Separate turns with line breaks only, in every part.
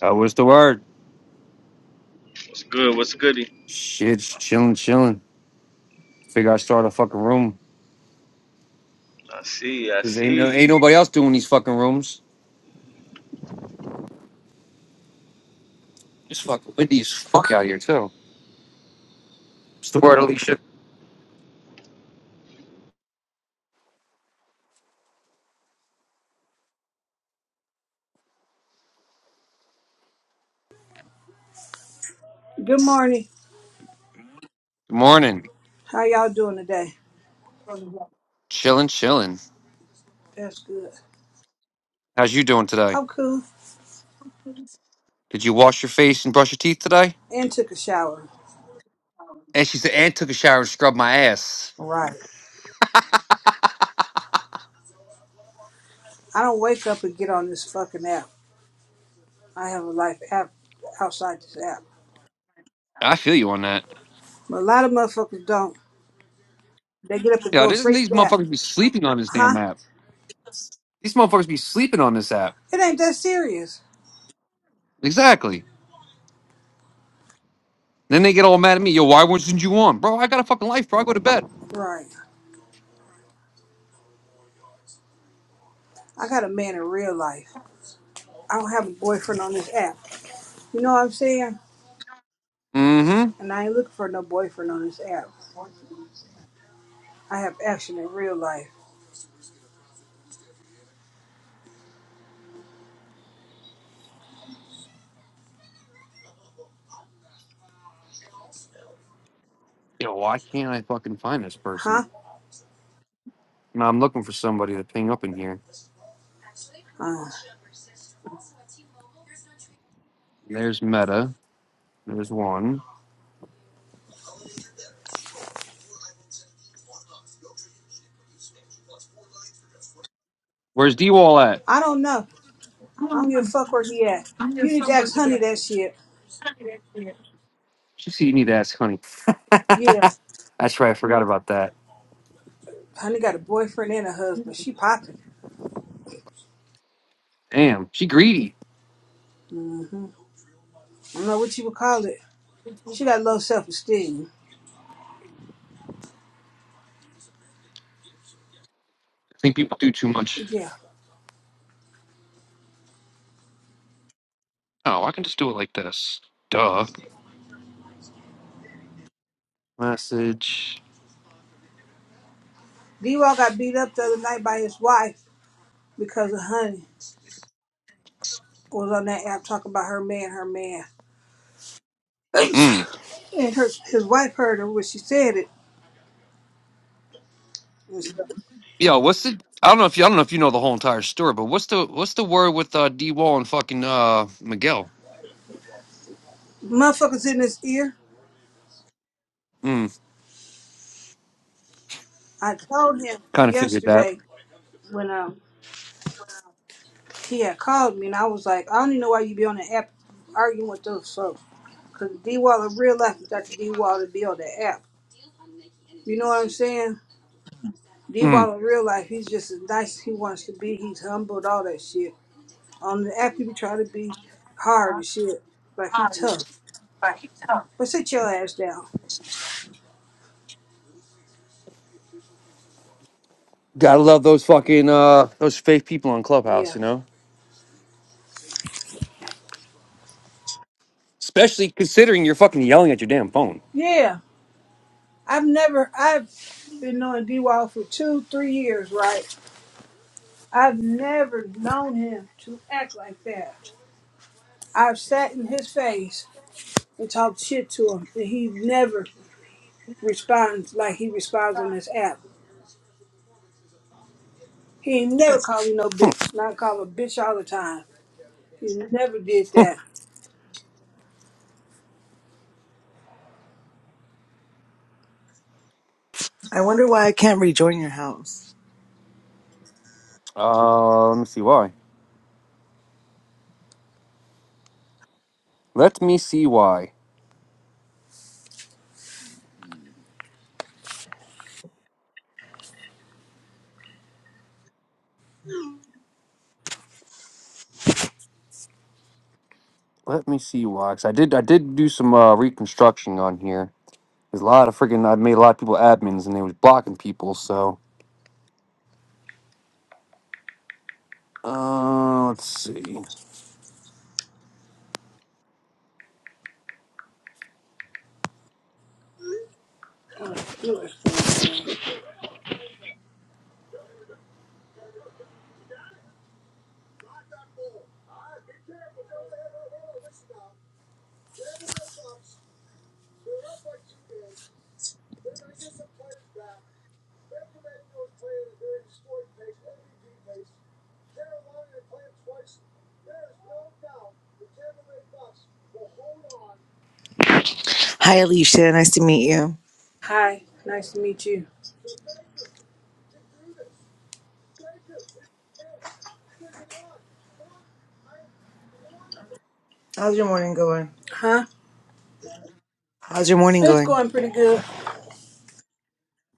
That was the word?
What's good? What's goody?
Shit, just chilling, chilling. Figure I start a fucking room
I see. I
because ain't no-
see.
ain't nobody else doing these fucking rooms. It's fucking windy as fuck out here too. What's the word, Alicia?
Good morning.
Good morning.
How y'all doing today?
Chilling, chilling.
That's good.
How's you doing today?
I'm cool
Did you wash your face and brush your teeth today?
and took a shower.
And she said, and took a shower and scrubbed my ass.
Right. I don't wake up and get on this fucking app. I have a life app outside this app.
I feel you on that.
But a lot of motherfuckers don't. They get up and
Yeah,
go
doesn't
straight
these
to that.
motherfuckers be sleeping on this
Huh?
damn app? These motherfuckers be sleeping on this app.
It ain't that serious.
Exactly. Then they get all mad at me. Yo, why wasn't you on? Bro, I got a fucking life, bro. I go to bed.
Right. I got a man in real life. I don't have a boyfriend on this app. You know what I'm saying?
Mm-hmm.
And I ain't looking for no boyfriend on this app. I have action in real life.
Yo, why can't I fucking find this person?
Huh?
No, I'm looking for somebody to ping up in here.
Uh,
There's Meta. There's one. Where's D Wall at?
I don't know. I don't give a fuck where he at. You need to ask Honey that shit.
She see you need to ask honey. That's
Yeah,
right, I forgot about that.
Honey got a boyfriend and a husband. She popping.
Damn, she greedy.
I don't know what you would call it. She got low self esteem.
I think people do too much.
Yeah.
Oh, I can just do it like this. Duh. Message.
D-Wall got beat up the other night by his wife because of Honey was on that app talking about her man, her man.
Mm.
And her his wife heard her when she said it. And stuff.
Yo, what's the I don't know if you I don't know if you know the whole entire story, but what's the what's the word with uh D Wall and fucking uh Miguel?
Motherfuckers in his ear.
Mm.
I told him
Kinda figured that.
yesterday when um he had called me, and I was like, I don't even know why you be on the app arguing with those folks. Because D Wall in real life, you got the D Wall to be on the app. You know what I'm saying? D
Mm.
Wall in real life, he's just as nice as he wants to be. He's humbled, all that shit. On the app, he be trying to be hard and shit. Like he tough. But sit your ass down.
Gotta love those fucking uh those fake people on Clubhouse,
Yeah.
you know? Especially considering you're fucking yelling at your damn phone.
Yeah. I've never, I've been knowing D Wall for two, three years, right? I've never known him to act like that. I've sat in his face and talk shit to him. And he never responds like he responds on this app. He ain't never call me no
Hmm.
bitch. Not call a bitch all the time. He never did that.
I wonder why I can't rejoin your house.
Uh, let me see why. Let me see why. Let me see why. 'Cause I did I did do some uh, reconstruction on here. There's a lot of freaking I made a lot of people admins and they was blocking people. So uh, let's see.
Oh, it was for you today.
Hi, Alicia. Nice to meet you.
Hi, nice to meet you.
How's your morning going?
Huh?
How's your morning
It's
going?
going pretty good.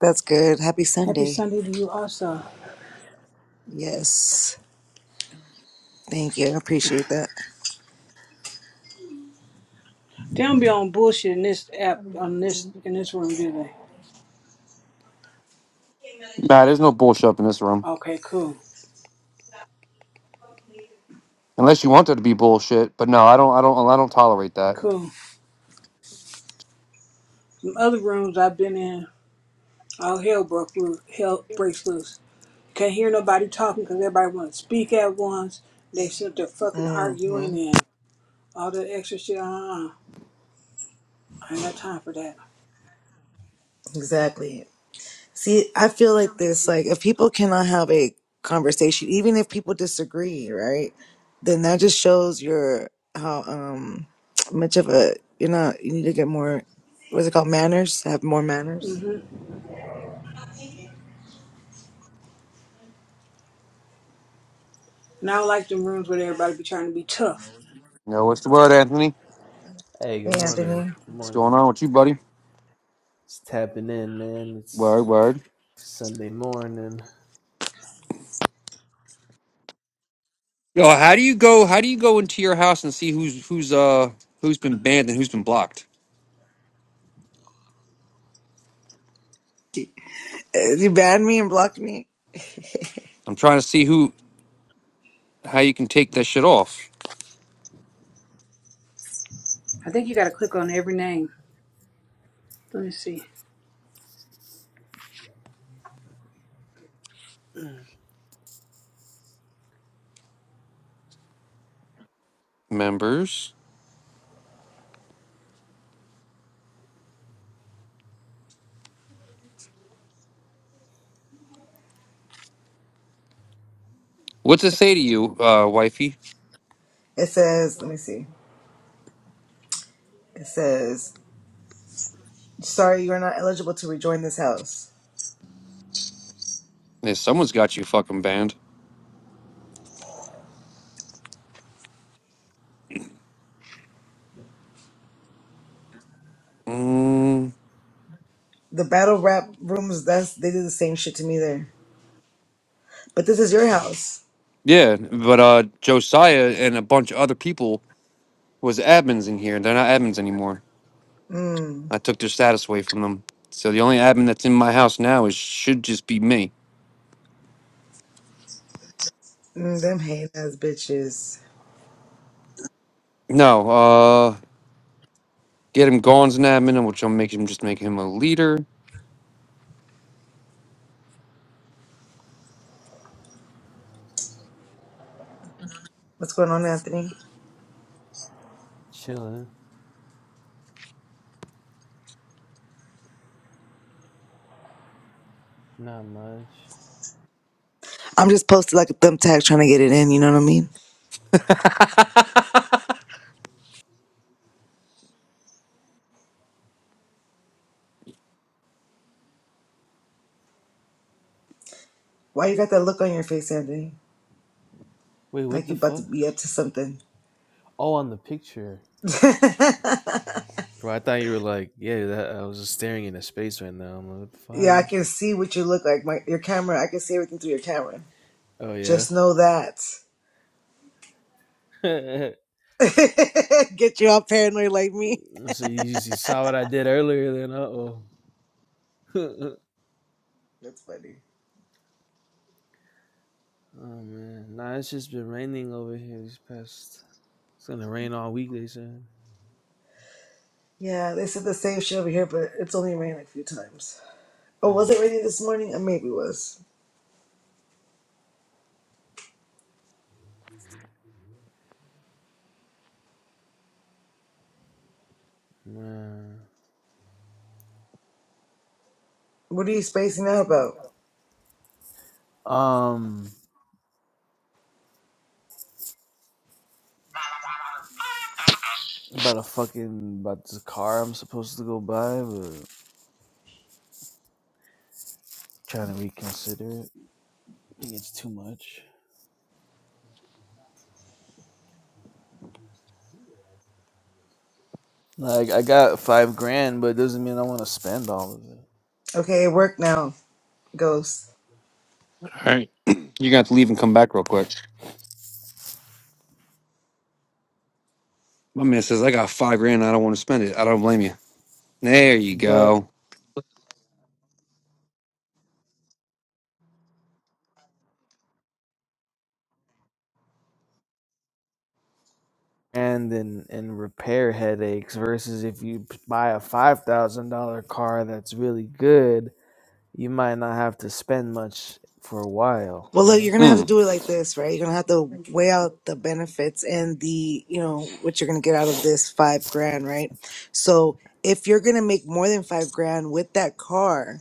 That's good. Happy
Happy
Sunday.
Sunday to you also.
Yes. Thank you. I appreciate that.
They don't be on bullshit in this app on this in this room, do they?
Nah, there's no bullshit up in this room
Okay, cool.
unless you want there to be bullshit. But no, I don't. I don't. I don't tolerate that.
Cool. Some other rooms I've been in, all hell broke loose hell breaks loose. Can't hear nobody talking because everybody want to speak at once. They sit there fucking
hmm
arguing and all that extra shit. Uh-uh. uh-uh. I ain't got time for that.
Exactly. See, I feel like this, like, if people cannot have a conversation, even if people disagree, right? Then that just shows your, how, um, much of a, you're not, you need to get more, what's it called? Manners, have more manners.
Mm-hmm. And I don't like them rooms where everybody be trying to be tough.
You know what's the word, Anthony?
Hey, good
Hey,
morning.
Anthony.
Good
What's going
morning.
on with you, buddy?
It's tapping in, man. It's
Word, word.
Sunday morning.
Yo, how do you go? How do you go into your house and see who's who's uh who's been banned and who's been blocked?
You banned me and blocked me.
I'm trying to see who how you can take that shit off.
I think you got to click on every name. Let me see.
Members. What's it say to you, uh, wifey?
It says, let me see. It says, sorry, you are not eligible to rejoin this house.
Yeah, someone's got you fucking banned. Mm,
The battle rap rooms, that's they do the same shit to me there. But this is your house.
yeah, but uh Josiah and a bunch of other people was admins in here. They're not admins anymore.
Mm,
I took their status away from them. So the only admin that's in my house now is should just be me.
mm them hate ass bitches.
No, uh get him gone as an admin, which I'll make him just make him a leader.
What's going on, Anthony?
Chilling. Not much.
I'm just posted like a thumbtack trying to get it in. You know what I mean?
All
Why you got that look on your face, Anthony?
Wait, what
Like you
the
about to
fuck?
be up to something.
Oh, on the picture. Bro, I thought you were like, yeah, that I was just staring into space right now. I'm like, what the fuck? How do
yeah, I
you...
can see what you look like. My your camera, I can see everything through your camera.
Oh,
Just know that.
yeah.
Get you all paranoid like me.
so you, you saw what I did earlier, then uh oh. oh,
That's funny.
man. Nah, it's just been raining over here these past. It's gonna rain all week, they said.
Yeah, they said the same shit over here, but it's only rained like a few times. Oh,
Uh,
was it raining this morning? It maybe was.
man.
What are you spacing out about?
Um. about a fucking about this car I'm supposed to go buy, but trying to reconsider it. I think it's too much. Like I got five grand, but it doesn't mean I want to spend all of it.
Okay, it worked now, ghost.
right. You're gonna have to leave and come back real quick. My man says, I got five grand. I don't want to spend it. I don't blame you. There you
But
go.
and in and repair headaches versus if you buy a five thousand dollar car that's really good, you might not have to spend much for a while.
Well,
You
look,
know.
you're gonna have to
Mm.
do it like this, right? You're gonna have to weigh out the benefits and the, you know, what you're gonna get out of this five grand, right? So if you're gonna make more than five grand with that car,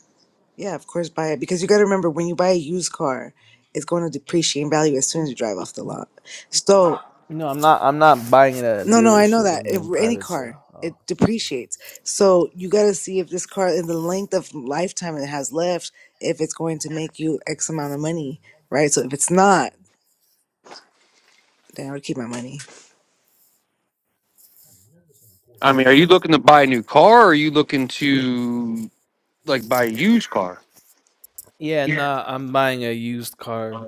Yeah, of course, buy it because you got to remember when you buy a used car, it's going to depreciate in value as soon as you drive off the lot. So,
No, I'm not. I'm not buying it at a
no, no, I know
dealership.
that.
I'm
If
doing
any
private
car,
sale. Oh.
it depreciates. So, you got to see if this car, in the length of lifetime it has left, if it's going to make you X amount of money, right? So, if it's not, then I would keep my money.
I mean, are you looking to buy a new car or are you looking to like buy a used car?
Yeah, nah. I'm buying a used car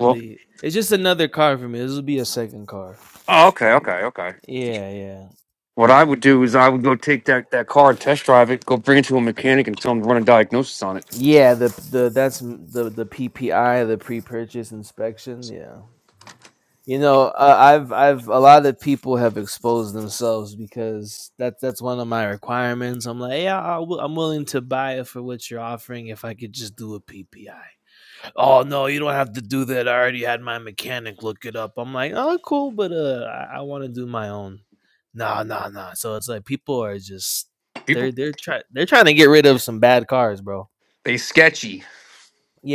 Well,
It's just another car for me. This will be a second car.
oh, okay, okay, okay.
Yeah, yeah,
What I would do is I would go take that, that car and test drive it, go bring it to a mechanic and tell him to run a diagnosis on it.
yeah. The the that's m- the the PPI, the pre-purchase inspection. Yeah, you know, uh, I've I've a lot of people have exposed themselves because that's that's one of my requirements. I'm like, yeah, i w- I'm willing to buy it for what you're offering if I could just do a PPI. oh no you don't have to do that i already had my mechanic look it up i'm like oh cool but uh i, I want to do my own nah nah nah so it's like people are just
People,
they're they're trying they're trying to get rid of some bad cars bro
they sketchy.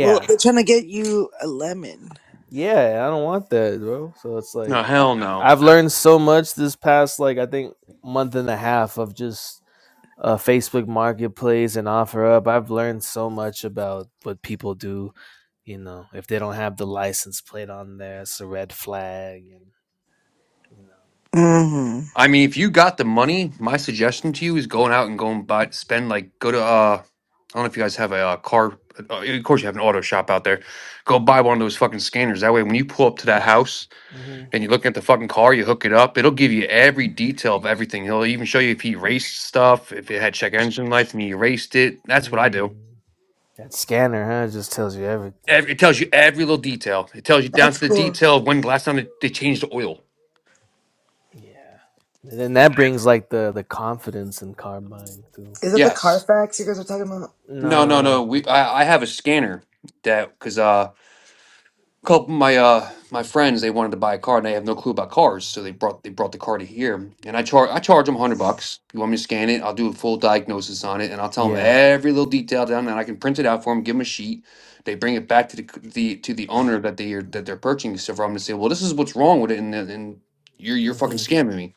Well, they're trying to get you a lemon.
yeah i don't want that bro so it's like
No,
I,
hell no.
i've learned so much this past like i think month and a half of just uh, facebook marketplace and offer up i've learned so much about what people do You know, if they don't have the license plate on there, it's a red flag, and you
hmm
I mean, if you got the money, my suggestion to you is going out and go and buy, spend like, go to uh, I don't know if you guys have a uh, car. Uh, of course, you have an auto shop out there. Go buy one of those fucking scanners. That way, when you pull up to that house
know. Mm-hmm.
and you look at the fucking car, you hook it up. It'll give you every detail of everything. It'll even show you if he erased stuff, if it had check engine lights and he erased it. That's what I do.
Mm. That scanner, huh? It just tells you everything.
Every, it tells you every little detail. It tells you down
That's
to the
cool.
detail of when the last time they, they changed the oil.
Yeah. And then that brings like the the confidence in car buying too.
Is that the
Yes.
Carfax you guys are talking about?
No, no,
Nah.
no. We I, I have a scanner that because uh couple my uh my friends they wanted to buy a car and they have no clue about cars so they brought they brought the car to here and i charge i charge them 100 bucks you want me to scan it i'll do a full diagnosis on it and i'll tell them
Yeah.
every little detail down and i can print it out for them give them a sheet they bring it back to the, c- the to the owner that they are that they're purchasing stuff from and say well this is what's wrong with it and then- and you're you're fucking
hmm
scamming me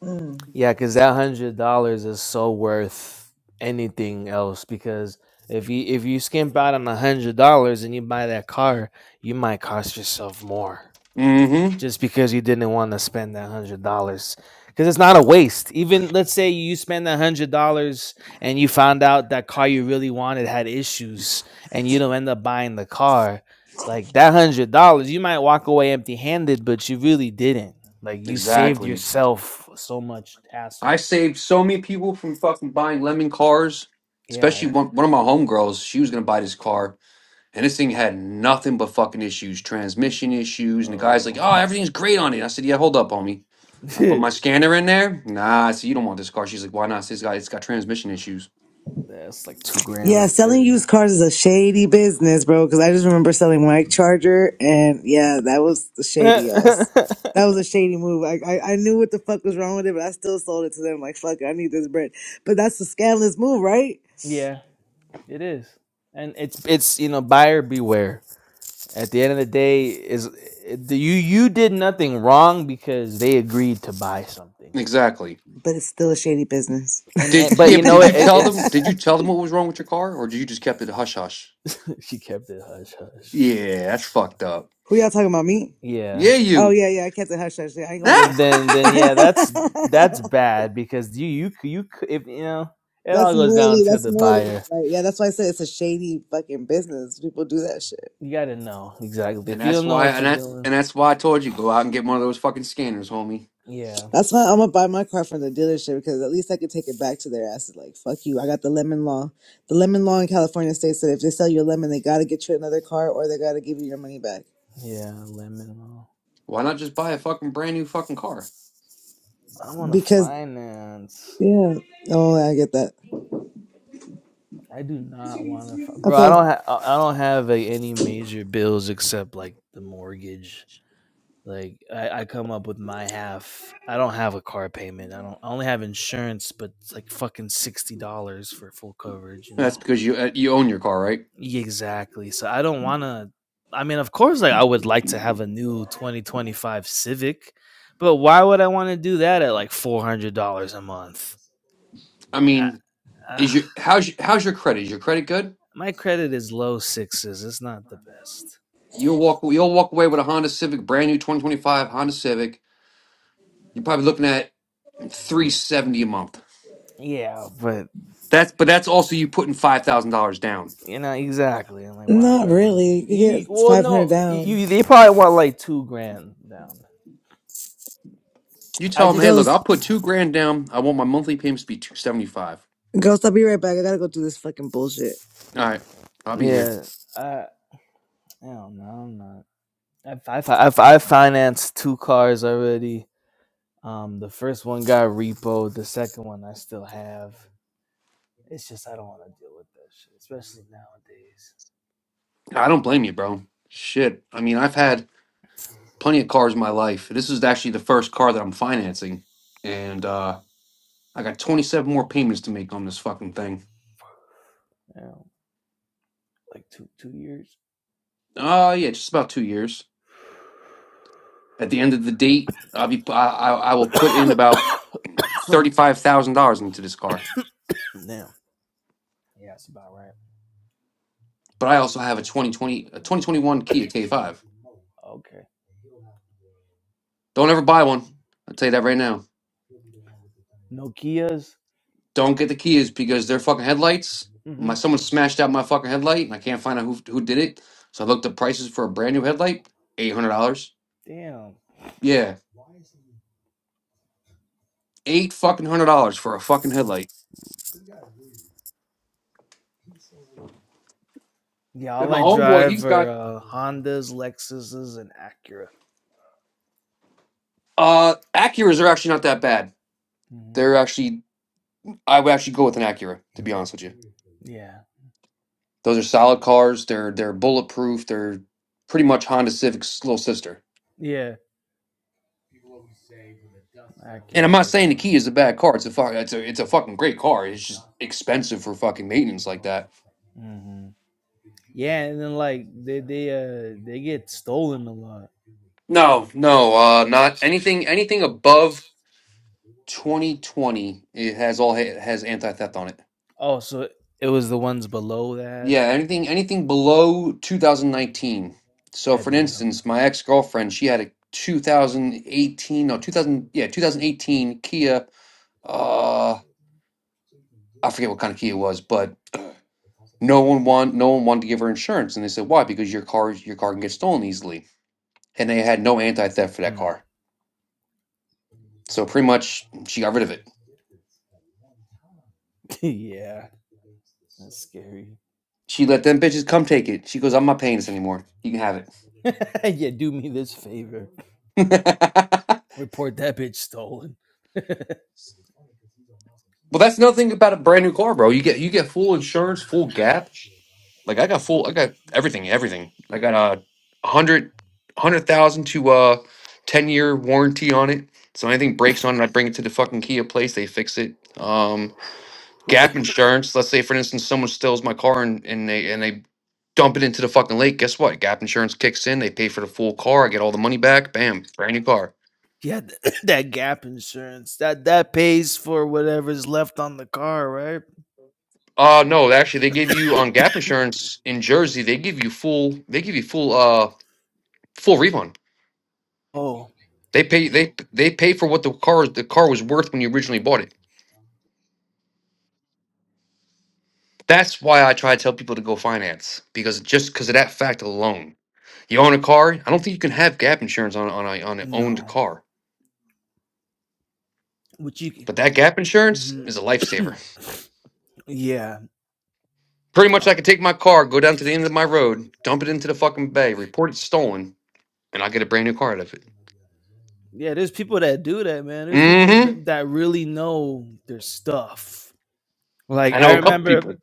Mm.
Yeah, because that hundred dollars is so worth anything else. Because if you if you skimp out on a hundred dollars and you buy that car, you might cost yourself more.
mm-hmm
just because you didn't want to spend that hundred dollars because it's not a waste even let's say you spend that hundred dollars and you found out that car you really wanted had issues and you don't end up buying the car like that hundred dollars you might walk away empty handed but you really didn't like you saved
exactly
yourself so much
i
hassle
saved so many people from fucking buying lemon cars especially
yeah
one, one of my homegirls she was gonna buy this car And this thing had nothing but fucking issues, transmission issues. And the guy's like,
oh
oh, everything's great on it. I said, yeah, hold up, homie. I put my
that's
scanner in there. Nah, I said, you don't want this car. She's like, why not? I said, it's got, it's got transmission issues.
like two grand
Yeah,
right
selling
there
used cars is a shady business, bro. Because I just remember selling my charger, and yeah, that was the shady ass. That was a shady move. I, I I knew what the fuck was wrong with it, but I still sold it to them. Like fuck, it, I need this bread. But that's a scandalous move, right?
yeah it is and it's it's you know buyer beware At the end of the day, is you you did nothing wrong because they agreed to buy something.
Exactly.
But it's still a shady business.
And, and
Did
but
yeah,
you
but
know
did
it,
you
it,
tell them? Did you
it's
tell them what was wrong with your car, or did you just kept it hush hush?
she kept it hush hush.
Yeah, that's fucked up.
Who y'all talking about? Me?
Yeah.
Yeah,
Oh
you.
yeah, yeah. I kept it hush hush. Yeah, I ain't gonna
Then
lie.
Ah!
then then, yeah, that's that's bad because you you c- you c- if you know it
that's
all goes down
morally.
to
That's
the
morally not
buyer.
right. Yeah, that's why I said it's a shady fucking business. People do that shit.
You got to know exactly.
and
If you
that's
don't know
why,
what
and
you're
that, and
doing,
that's why I told you go out and get one of those fucking scanners, homie.
yeah,
That's why I'm gonna buy my car from the dealership because at least I could take it back to their asses. Like, fuck you. I got the lemon law. The lemon law in California states that if they sell you a lemon, they gotta get you another car or they gotta give you your money back.
yeah, lemon.
Why not just buy a fucking brand new fucking car?
I want to
Because
finance.
yeah, oh, I get that.
I do not want to, bro. I
Okay,
don't have. I don't have like, any major bills except like the mortgage. Like I, I come up with my half. I don't have a car payment. I don't. I only have insurance, but it's like fucking sixty dollars for full coverage. You know.
That's because you uh, you own your car, right?
Yeah, Exactly. So I don't want to. I mean, of course, like I would like to have a new twenty twenty five Civic, but why would I want to do that at like four hundred dollars a month?
I mean,
I, uh,
Is your how's your, how's your credit? Is your credit good?
my credit is low sixes. It's not the best.
You'll walk you'll walk away with a Honda Civic, brand new 2025 Honda Civic. You're probably looking at 370 a month.
Yeah, but
That's but that's also you putting five thousand dollars down.
you know exactly. I'm like, why would
not
I want
really.
to?
You
You,
get
well,
500
no, you,
down.
they probably want like two grand down.
You
I
tell them, hey, look,
just
I'll
Ghost,
put two grand down. I want my monthly payments to be 275.
ghost. I'll be right back. I gotta go through this fucking bullshit.
All right, I'll be here.
yeah, I I don't know. I'm not. I've, I've, I've, have financed two cars already. Um, the first one got repoed. The second one I still have. It's just I don't want to deal with that shit, especially nowadays.
I don't blame you, bro. Shit. I mean, I've had plenty of cars in my life. This is actually the first car that I'm financing, and uh, I got 27 more payments to make on this fucking thing.
You like two two years.
Oh yeah, just about two years. At the end of the date, I'll be, I, I I will put in about $35,000 into this car.
Now Yeah, that's about right.
But I also have a 2020, a 2021 Kia K5.
Okay.
Don't ever buy one. I'll tell you that right now.
Nokias.
Don't get the Kias because their fucking headlights,
hmm
my someone smashed out my fucking headlight and I can't find out who, who did it. So I looked up prices for a brand new headlight, $800.
Damn.
Yeah, eight fucking hundred dollars for a fucking
Mm.
headlight.
Yeah,
And
all
my
I
homeboy, he's
drive are
got
uh, Hondas, Lexuses, and Acura.
uh Acuras are actually not that bad.
hmm
They're actually I would actually go with an Acura to be honest with you.
Yeah,
Those are solid cars. They're they're bulletproof. They're pretty much Honda Civic's little sister.
yeah,
And I'm
Acuras
not
are
saying the
cool.
Kia is a bad car. It's a fuck. It's a it's a fucking great car. It's just expensive for fucking maintenance like that.
hmm Yeah, and then like they they uh they get stolen a lot.
No, no, uh, not anything. Anything above 2020, it has all it has anti theft on it.
Oh, so it was the ones below that
Yeah, anything anything below 2019. So,
had
for
no.
instance, my ex girlfriend, she had a 2018, no, 2000, yeah, 2018 Kia. Uh, I forget what kind of Kia it was, but No one want no one wanted to give her insurance, and they said, "Why? Because your car your car can get stolen easily." And they had no anti theft for that
Mm.
car, so pretty much she got rid of it.
yeah, that's scary.
She let them bitches come take it. She goes, "I'm not paying this anymore. You can have it."
yeah, do me this favor. Report that bitch stolen.
well, that's another thing about a brand new car, bro. You get you get full insurance, full gap. Like I got full, I got everything, everything. I got a uh, hundred hundred thousand to uh ten year warranty on it. So anything breaks on it, I bring it to the fucking Kia place. They fix it. Um, Gap insurance. Let's say, for instance, someone steals my car and, and they and they dump it into the fucking lake. Guess what? Gap insurance kicks in. They pay for the full car. I get all the money back. Bam, brand new car.
Yeah, th- that gap insurance that that pays for whatever's left on the car, right?
Uh no, actually, they give you on Gap insurance in Jersey. They give you full. They give you full. Uh, full refund.
Oh
They pay. They they pay for what the car the car was worth when you originally bought it. That's why I try to tell people to go finance because just because of that fact alone. You own a car. I don't think you can have gap insurance on on a, on an owned
no,
car
which you can.
But that gap insurance is a lifesaver.
mhm. yeah,
Pretty much,
Oh,
I could take my car, go down to the end of my road, dump it into the fucking bay, report it stolen, and I get a brand new car out of it.
yeah. There's people that do that, man. There's people
Mm-hmm.
that, that really know their stuff. Like
I know
I
a couple
remember
people.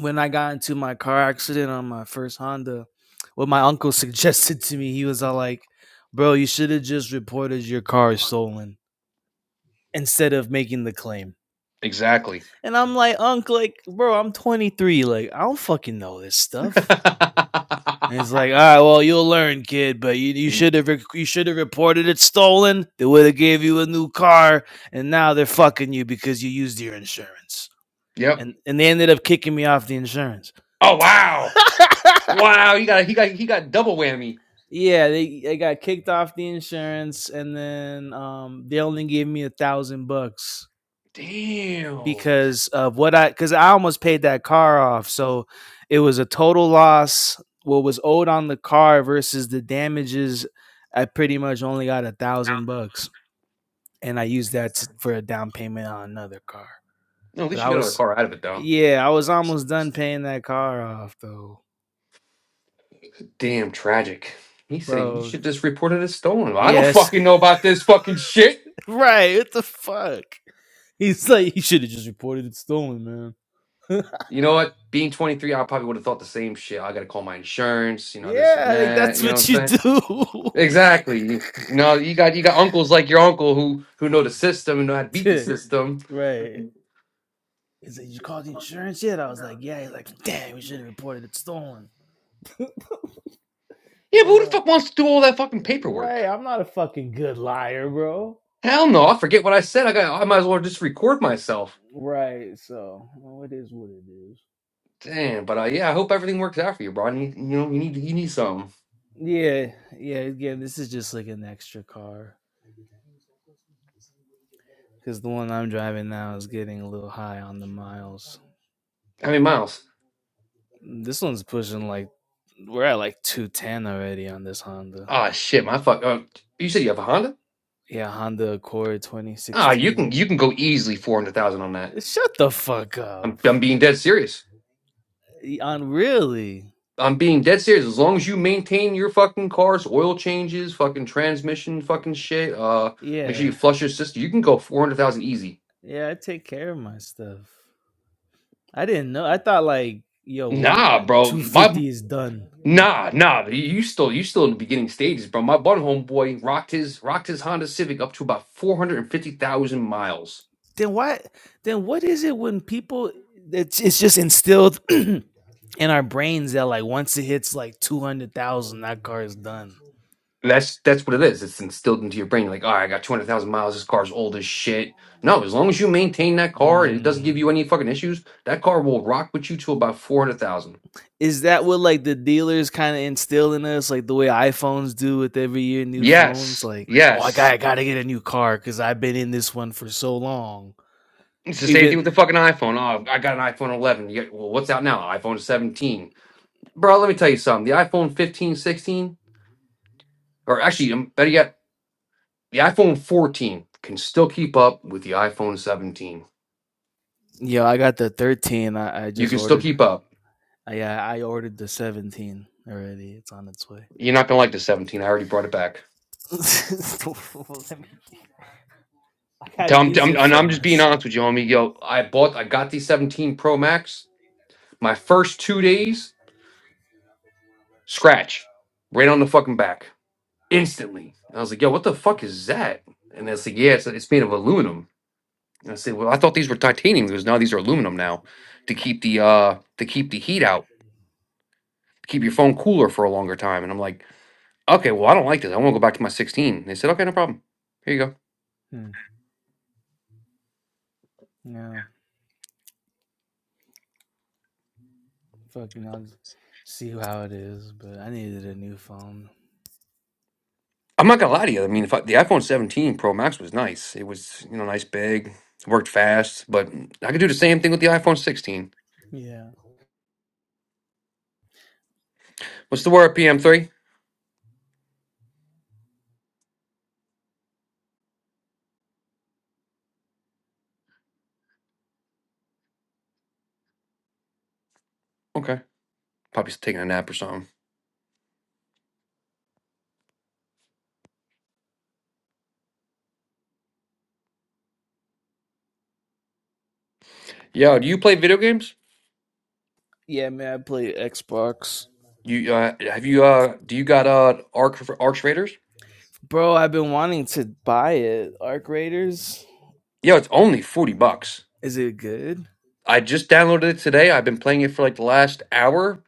when I got into my car accident on my first Honda, what my uncle suggested to me, he was all like, "Bro, you should have just reported your car is stolen instead of making the claim."
Exactly.
And I'm like, Unc, like, bro, I'm 23. Like, I don't fucking know this stuff. And it's like, all right, well, you'll learn, kid. But you, you
Ye-
should have you should have reported it stolen. They would have gave you a new car, and now they're fucking you because you used your insurance.
yep.
And and they ended up kicking me off the insurance.
Oh wow, wow! You got he got he got double whammy.
yeah, they, they got kicked off the insurance, and then um, they only gave me a thousand bucks
Damn.
because of what I because I almost paid that car off. So it was a total loss. What was owed on the car versus the damages, I pretty much only got a thousand bucks, and I used that t- for a down payment on another car.
No, at
But
least
I
you got another
was,
car out of it though.
yeah, I was almost done paying that car off though,
Damn tragic. He said you
bro.
should just report it as stolen. Well, I don't
Yes,
fucking know about this fucking shit.
right. What the fuck? He's like, you should have just reported it stolen, man.
You know what? Being 23, I probably would have thought the same shit. I gotta call my insurance, you know, this and
yeah, like
that.
that's
You know what
what
I'm
you
saying?
do.
Exactly. You, you know, you got you got uncles like your uncle who who know the system and know how to beat the
Yeah,
system.
Right. He's like, you called the insurance yet? I was like, yeah. He's like, damn, we should have reported it stolen.
Yeah, but
I'm
who the
like,
fuck wants to do all that fucking paperwork?
right. I'm not a fucking good liar, bro.
Hell no! I forget what I said. I got. I might as well just record myself.
Right. So well, it is what it is.
Damn. But uh, yeah, I hope everything works out for you, bro. I need, you know, you need you need some.
Yeah. Yeah. Again, this is just like an extra car. Because the one I'm driving now is getting a little high on the miles.
I mean, miles.
This one's pushing like, we're at like 210 already on this Honda.
Ah, shit, my fuck. Uh, you said you have a Honda?
Yeah, Honda Accord
Ah, you
2016.
can you can go easily four hundred thousand on that.
Shut the fuck
I'm
up.
I'm being dead serious.
On really?
I'm being dead serious. As long as you maintain your fucking cars, oil changes, fucking transmission, fucking shit. Uh, make sure
Yeah.
you flush your system. You can go four hundred thousand easy.
Yeah, I take care of my stuff. I didn't know. I thought like, yo, when uh,
Nah, bro. My
250 is done.
nah, nah. You you still you still in the beginning stages, bro. My bun homeboy rocked his rocked his Honda Civic up to about four hundred and fifty thousand miles.
Then why then what is it when people it's, it's just instilled in our brains that like once it hits like 200,000 that car is done.
That's that's what it is. It's instilled into your brain. You're like, all right, I got two hundred thousand miles. This car's old as shit. No, as long as you maintain that car and it doesn't give
Mm.
you any fucking issues, that car will rock with you to about four hundred thousand.
is that what like the dealers kind of instill in us, like the way iPhones do with every year new phones?
Yes,
Like, oh, I got
yes.
I gotta get a new car because I've been in this one for so long.
It's the same thing with
Even
the fucking iPhone. Oh, I got an iPhone 11. Yeah, well, what's out now? iPhone 17. Bro, let me tell you something. The iPhone 15, 16, or actually, um, better yet, the iPhone 14 can still keep up with the iPhone 17.
yeah, I got the 13. I, I
You
just
can still
ordered.
keep up.
I, yeah, I I ordered the 17 already. It's on its way.
You're not gonna like the 17. I already brought it back.
Let me- I gotta
Tell him,
use it
and
for
I'm just being
myself.
honest with you, homie. Yo, I bought, I got the 17 Pro Max. My first two days, scratch, right on the fucking back. instantly. I was like, yo, what the fuck is that? And it's like, yeah, it's, it's made of aluminum. And I said, well, I thought these were titanium because now these are aluminum now to keep the uh to keep the heat out, to keep your phone cooler for a longer time. And I'm like, okay, well, I don't like this. I want to go back to my 16. And they said, okay, no problem. Here you go.
Hmm. Yeah, fucking, I'll just see how it is. But I needed a new phone.
I'm not gonna lie to you. I mean, if I, the iPhone 17 Pro Max was nice. It was you know nice, big, worked fast. But I could do the same thing with the iPhone 16.
Yeah.
What's the word? PM3. Okay, probably taking a nap or something. Yo, do you play video games?
Yeah, man, I play Xbox.
You uh, have you uh do you got uh Arc Arch Raiders?
Bro, I've been wanting to buy it. Arc Raiders.
Yo, it's only 40 bucks.
Is it good?
I just downloaded it today. I've been playing it for like the last hour.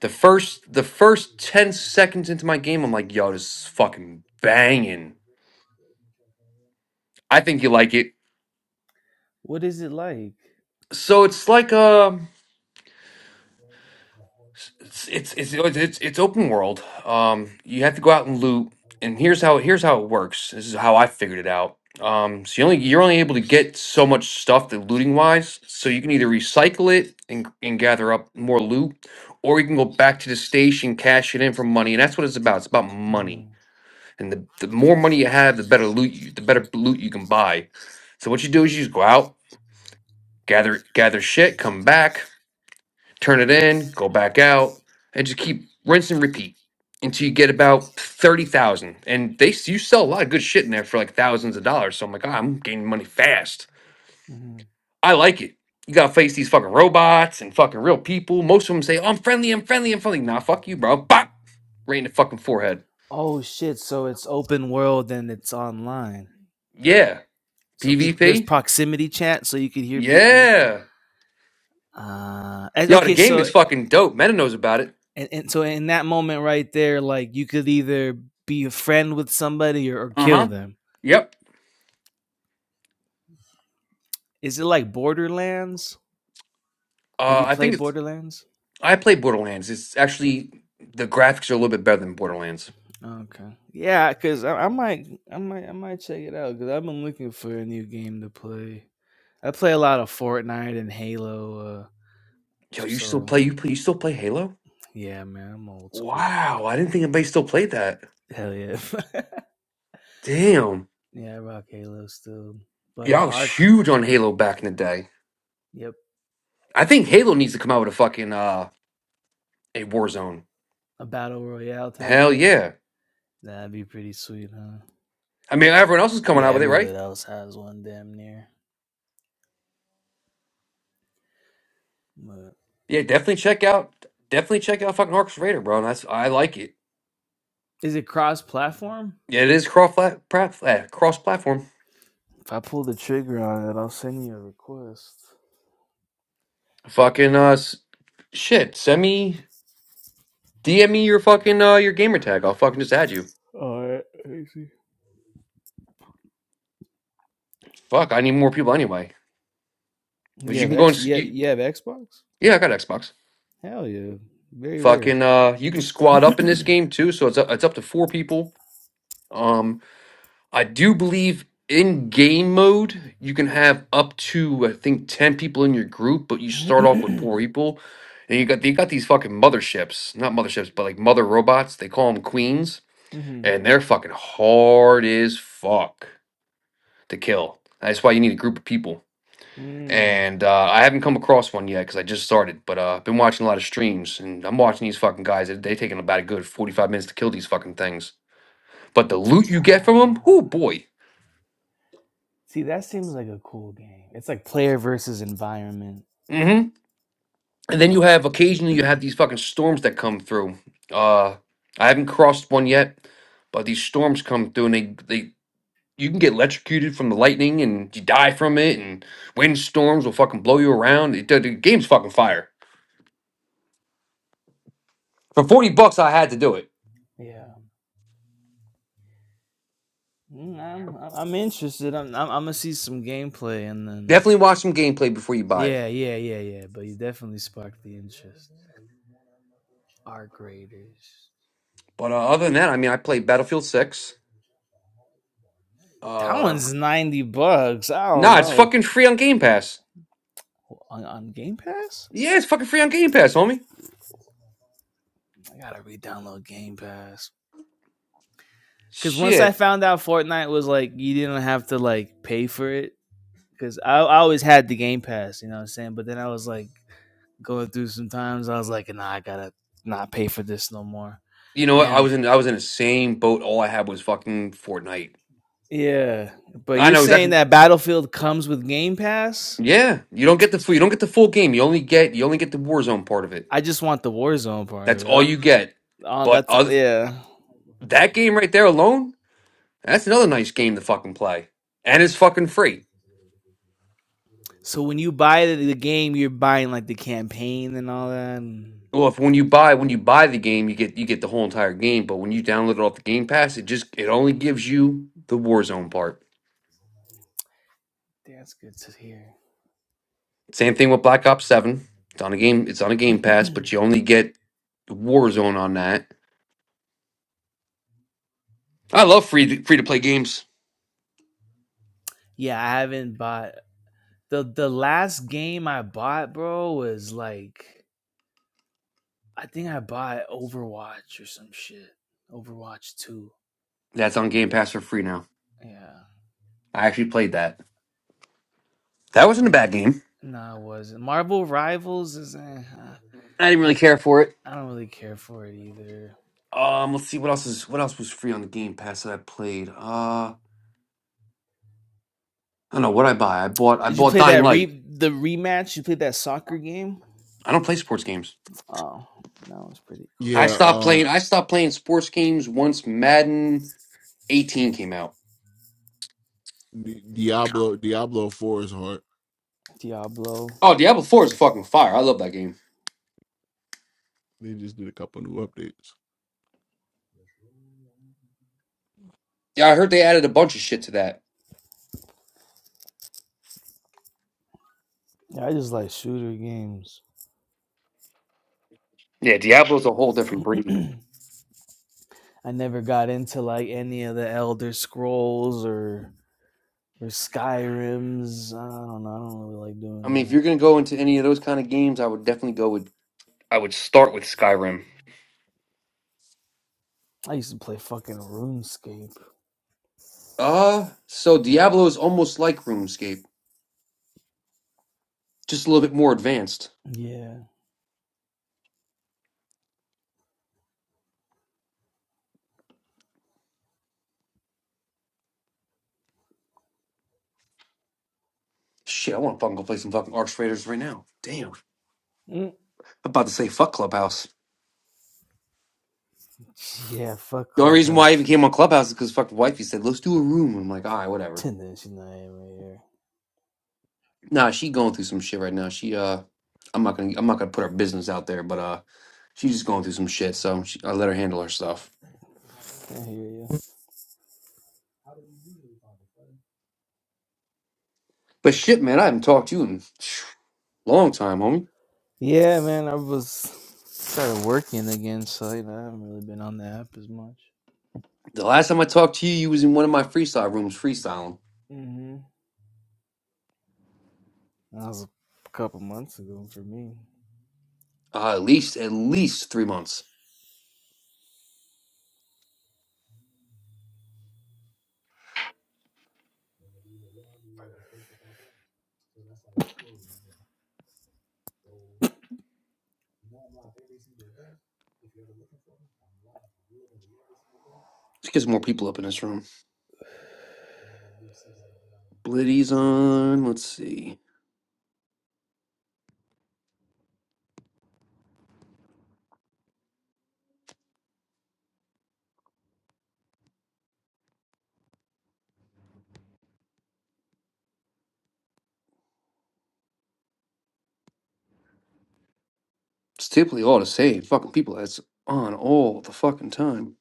The first the first 10 seconds into my game, I'm like, yo, this is fucking banging. I think you like it.
What is it like?
So it's like uh it's it's it's it's, it's open world. Um, you have to go out and loot. And here's how here's how it works. This is how I figured it out. Um, so you only you're only able to get so much stuff that looting wise. So you can either recycle it and and gather up more loot, or you can go back to the station, cash it in for money. And that's what it's about. It's about money.
Mm-hmm.
And the, the more money you have, the better loot you the better loot you can buy. So what you do is you just go out, gather gather shit, come back turn it in, go back out, and just keep rinse and repeat until you get about thirty thousand. And they s- you sell a lot of good shit in there for like thousands of dollars. So I'm like, "Ah, I'm gaining money fast. I like it. You gotta face these fucking robots and fucking real people. Most of them say, oh, "I'm friendly, I'm friendly, I'm friendly." Nah, fuck you, bro. Bop, right in the fucking forehead.
Oh shit, so it's open world and it's online.
Yeah,
So people there's
PvP.
proximity chat so you can hear people.
Yeah,
Uh and,
yo, the
okay,
game
so
is fucking dope. Meta knows about it.
and, and so in that moment right there like you could either be a friend with somebody or, or
Uh
kill
huh.
them
Yep.
is it like borderlands have
Uh,
you
I think
played
it's
borderlands
I play Borderlands. It's actually the graphics are a little bit better than Borderlands.
okay yeah because I, I might i might i might check it out because i've been looking for a new game to play i play a lot of fortnite and halo uh
Yo, you still
so
play you play you still play Halo?
yeah man i'm old school
Wow, I didn't think anybody still played that.
hell yeah
Damn.
yeah i rock halo still but uh
Yeah, I was
arc
huge on Halo back in the day.
yep
I think Halo needs to come out with a fucking uh a Warzone.
a battle royale type
Hell
thing
yeah.
that'd be pretty sweet huh
I mean everyone else is coming
Yeah,
out with it, right?
everybody else has one damn near. But
Yeah, definitely check out definitely check out fucking Arcus Raider, bro. And that's I like it.
Is it cross platform?
Yeah, it is cross flat, cross platform.
if I pull the trigger on it, I'll send you a request.
Fucking uh s- shit, semi. DM me your fucking uh, your gamer tag. I'll fucking just add you.
All right, I
Fuck, I need more people anyway. 'Cause
You
you
have
can go and
X
s-
yeah, you
you,
you have Xbox?
yeah, I got Xbox.
Hell yeah. Very rare.
Fucking uh, you can squad up in this game too. So it's up, it's up to four people. Um, I do believe in game mode you can have up to I think ten people in your group, but you start off with four
mm-hmm.
people. And you got you got these fucking motherships, not motherships, but like mother robots. They call them queens, and they're fucking hard as fuck to kill. That's why you need a group of people.
Mm.
and uh, I haven't come across one yet because I just started. But uh, I've been watching a lot of streams, and I'm watching these fucking guys. They they taking about a good 45 minutes to kill these fucking things. But the loot you
Uh,
get from them, oh boy.
see, that seems like a cool game. It's like player versus environment.
hmm And then you have occasionally you have these fucking storms that come through. Uh, I haven't crossed one yet, but these storms come through, and they they you can get electrocuted from the lightning, and you die from it, and wind storms will fucking blow you around. It, the the game's fucking fire. For 40 bucks, I had to do it.
yeah, Mm, I'm I'm I'm interested. I'm I'm, I'm gonna see some gameplay and then
Definitely watch some gameplay before you buy it.
Yeah, yeah, yeah, yeah. But you definitely sparked the interest. Art graders.
But uh, other than that, I mean, I played Battlefield Six.
That
Uh,
one's ninety bucks. I don't
nah, it's
know
fucking free on Game Pass.
on, on Game Pass.
Yeah, it's fucking free on Game Pass, homie.
I gotta re-download Game Pass because once I
Shit.
found out Fortnite was like you didn't have to like pay for it because I, I always had the Game Pass, you know what I'm saying. But then I was like going through some times, I was like, nah, I gotta not pay for this no more.
You know what? I
And
was in I was in the same boat. All I had was fucking Fortnite.
yeah, but
I
you're
know
saying
exactly.
that Battlefield comes with Game Pass?
Yeah, you don't get the full you don't get the full game. You only get you only get the Warzone part of it.
I just want the Warzone part
That's
of it. I
all
don't,
you get.
on
But
that's
other,
yeah.
that game right there alone, that's another nice game to fucking play, and it's fucking free.
So when you buy the, the game, you're buying like the campaign and all that. And...
Well, if when you buy when you buy the game, you get you get the whole entire game, but when you download it off the Game Pass, it just it only gives you the Warzone part.
Damn, That's good to hear.
Same thing with Black Ops 7. It's on a game it's on a Game Pass, but you only get Warzone on that. I love free free to play games.
yeah, I haven't bought the the last game I bought, bro, was like I think I bought Overwatch or some shit. Overwatch two.
That's on Game Pass for free now.
Yeah,
I actually played that. That wasn't a
like
bad game.
no, nah, it wasn't. Marvel Rivals is. Eh,
I didn't really
I
care for it.
I don't really care for it either.
Um, let's see what else is what else was free on the Game Pass that I played. Uh, I don't know what I buy. I bought I
Did you
bought
play
Dying
that re
Light.
the rematch? You played that soccer game?
I don't play sports games.
Oh, that was pretty
I
cool.
Yeah,
stopped
um,
playing. I stopped playing sports games once Madden 18 came out.
Di- Diablo Diablo Four is hard.
Diablo.
Oh, Diablo 4 is fucking fire. I love that game.
They just did a couple new updates.
Yeah, I heard they added a bunch of shit to that.
Yeah, I just like shooter games.
Yeah, Diablo's a whole different breed.
I never got into like any of the Elder Scrolls or or Skyrims. I don't know. I don't really like
I
doing
mean, if you're
that.
gonna go into any of those kind of games, I would definitely go with. I would start with Skyrim.
I used to play fucking RuneScape.
Uh, so Diablo is almost like RuneScape, just a little bit more advanced.
Yeah.
Shit, I want to fucking go play some fucking Arch Raiders right now. Damn, I'm
Mm.
about to say fuck Clubhouse.
Yeah, fuck
The only reason why I even
Clubhouse.
came on Clubhouse is because fucking wifey said let's do a room. I'm like, all right, whatever.
Ten inch, you know, right here.
Nah, she going through some shit right now. She uh, I'm not gonna I'm not gonna put her business out there, but uh, she's just going through some shit. So she, I let her handle her stuff.
I hear you. How do you do
But shit, man, I haven't talked to you in long time, homie.
Yeah, man, I was started working again, so you know, I haven't really been on the app as much.
The last time I talked to you, you was in one of my freestyle rooms freestyling.
mm hmm That was a couple months ago for me.
Uh, at least at least three months. Let's get some more people up in this room. Blitty's on. Let's see. It's typically all the same fucking people. That's on all the fucking time.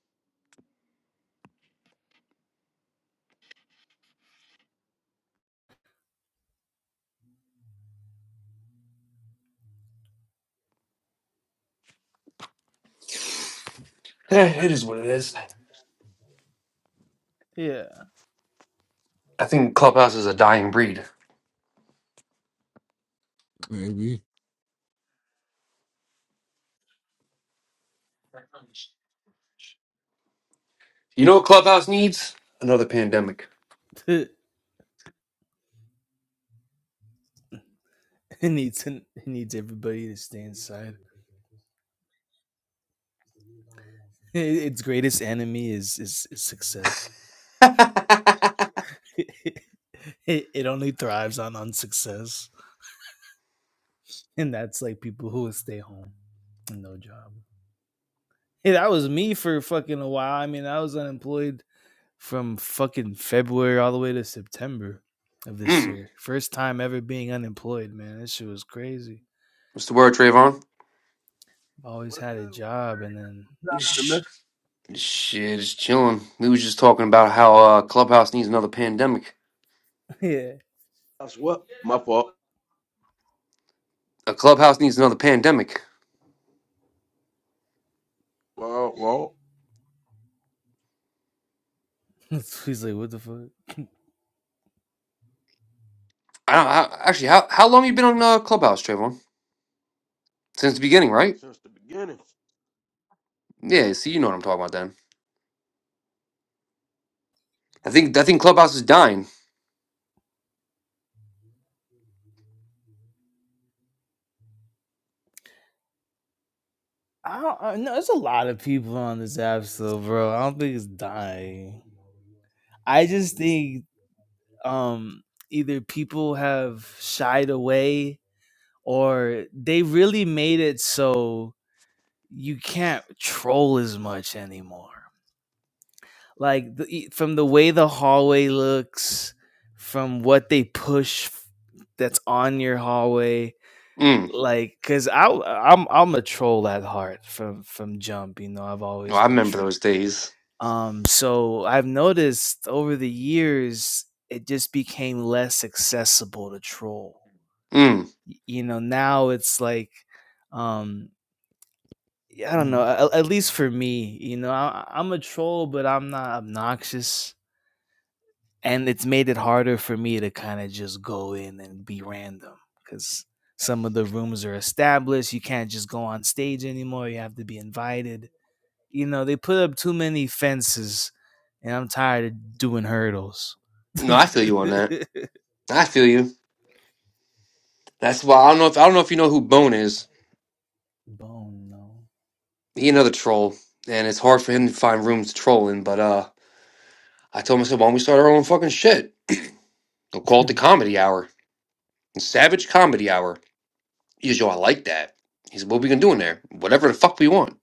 Eh, it is what it is.
Yeah,
I think Clubhouse is a dying breed.
Maybe.
You know what Clubhouse needs? Another pandemic.
it needs it needs everybody to stay inside. I- Its greatest enemy is is, is success. it, it only thrives on unsuccess. and that's like people who would stay home and no job. Hey, that was me for fucking a while. I mean, I was unemployed from fucking February all the way to September of this
Mm.
year. First time ever being unemployed, man. That shit was crazy.
What's the word, Trayvon?
Always
What's
had a
good with the
job, and
gang?
then
This happened to
Sh-
mess
Shit, it's chilling. We was just talking about how uh, Clubhouse needs another pandemic.
yeah,
us up. My fault.
A Clubhouse needs another pandemic.
Well, well,
he's like, "What the fuck."
I, I, actually, how how long you been on uh, Clubhouse, Trayvon? Since the beginning, right?
since the beginning.
Yeah. See, you know what I'm talking about. Then I think I think Clubhouse is dying.
I don't I know. There's a lot of people on this app still, bro. I don't think it's dying. I just think um either people have shied away or they really made it so you can't troll as much anymore. Like the, e- from the way the hallway looks, from what they push that's on your hallway,
Mm.
like because I i am I w- I'm I'm a troll at heart from from jump. You know I've
Well,
always
I
been
remember
true.
those days.
Um, so I've noticed over the years it just became less accessible to troll.
Mm.
You know now it's like um yeah, I don't know.
Mhm.
At, at least for me, you know, I, I'm a troll, but I'm not obnoxious, and it's made it harder for me to kind of just go in and be random because some of the rooms are established. You can't just go on stage anymore. You have to be invited. You know, they put up too many fences, and I'm tired of doing hurdles.
No, I feel you on that. I feel you. That's why I don't know if I don't know if you know who Bone is.
Bone, no,
He another troll, and it's hard for him to find rooms to troll in. But uh. I told myself, why don't we start our own fucking shit? We'll call it the Comedy Hour. The Savage Comedy Hour. He goes, yo, I like that. He said, what we gonna do in there? Whatever the fuck we want.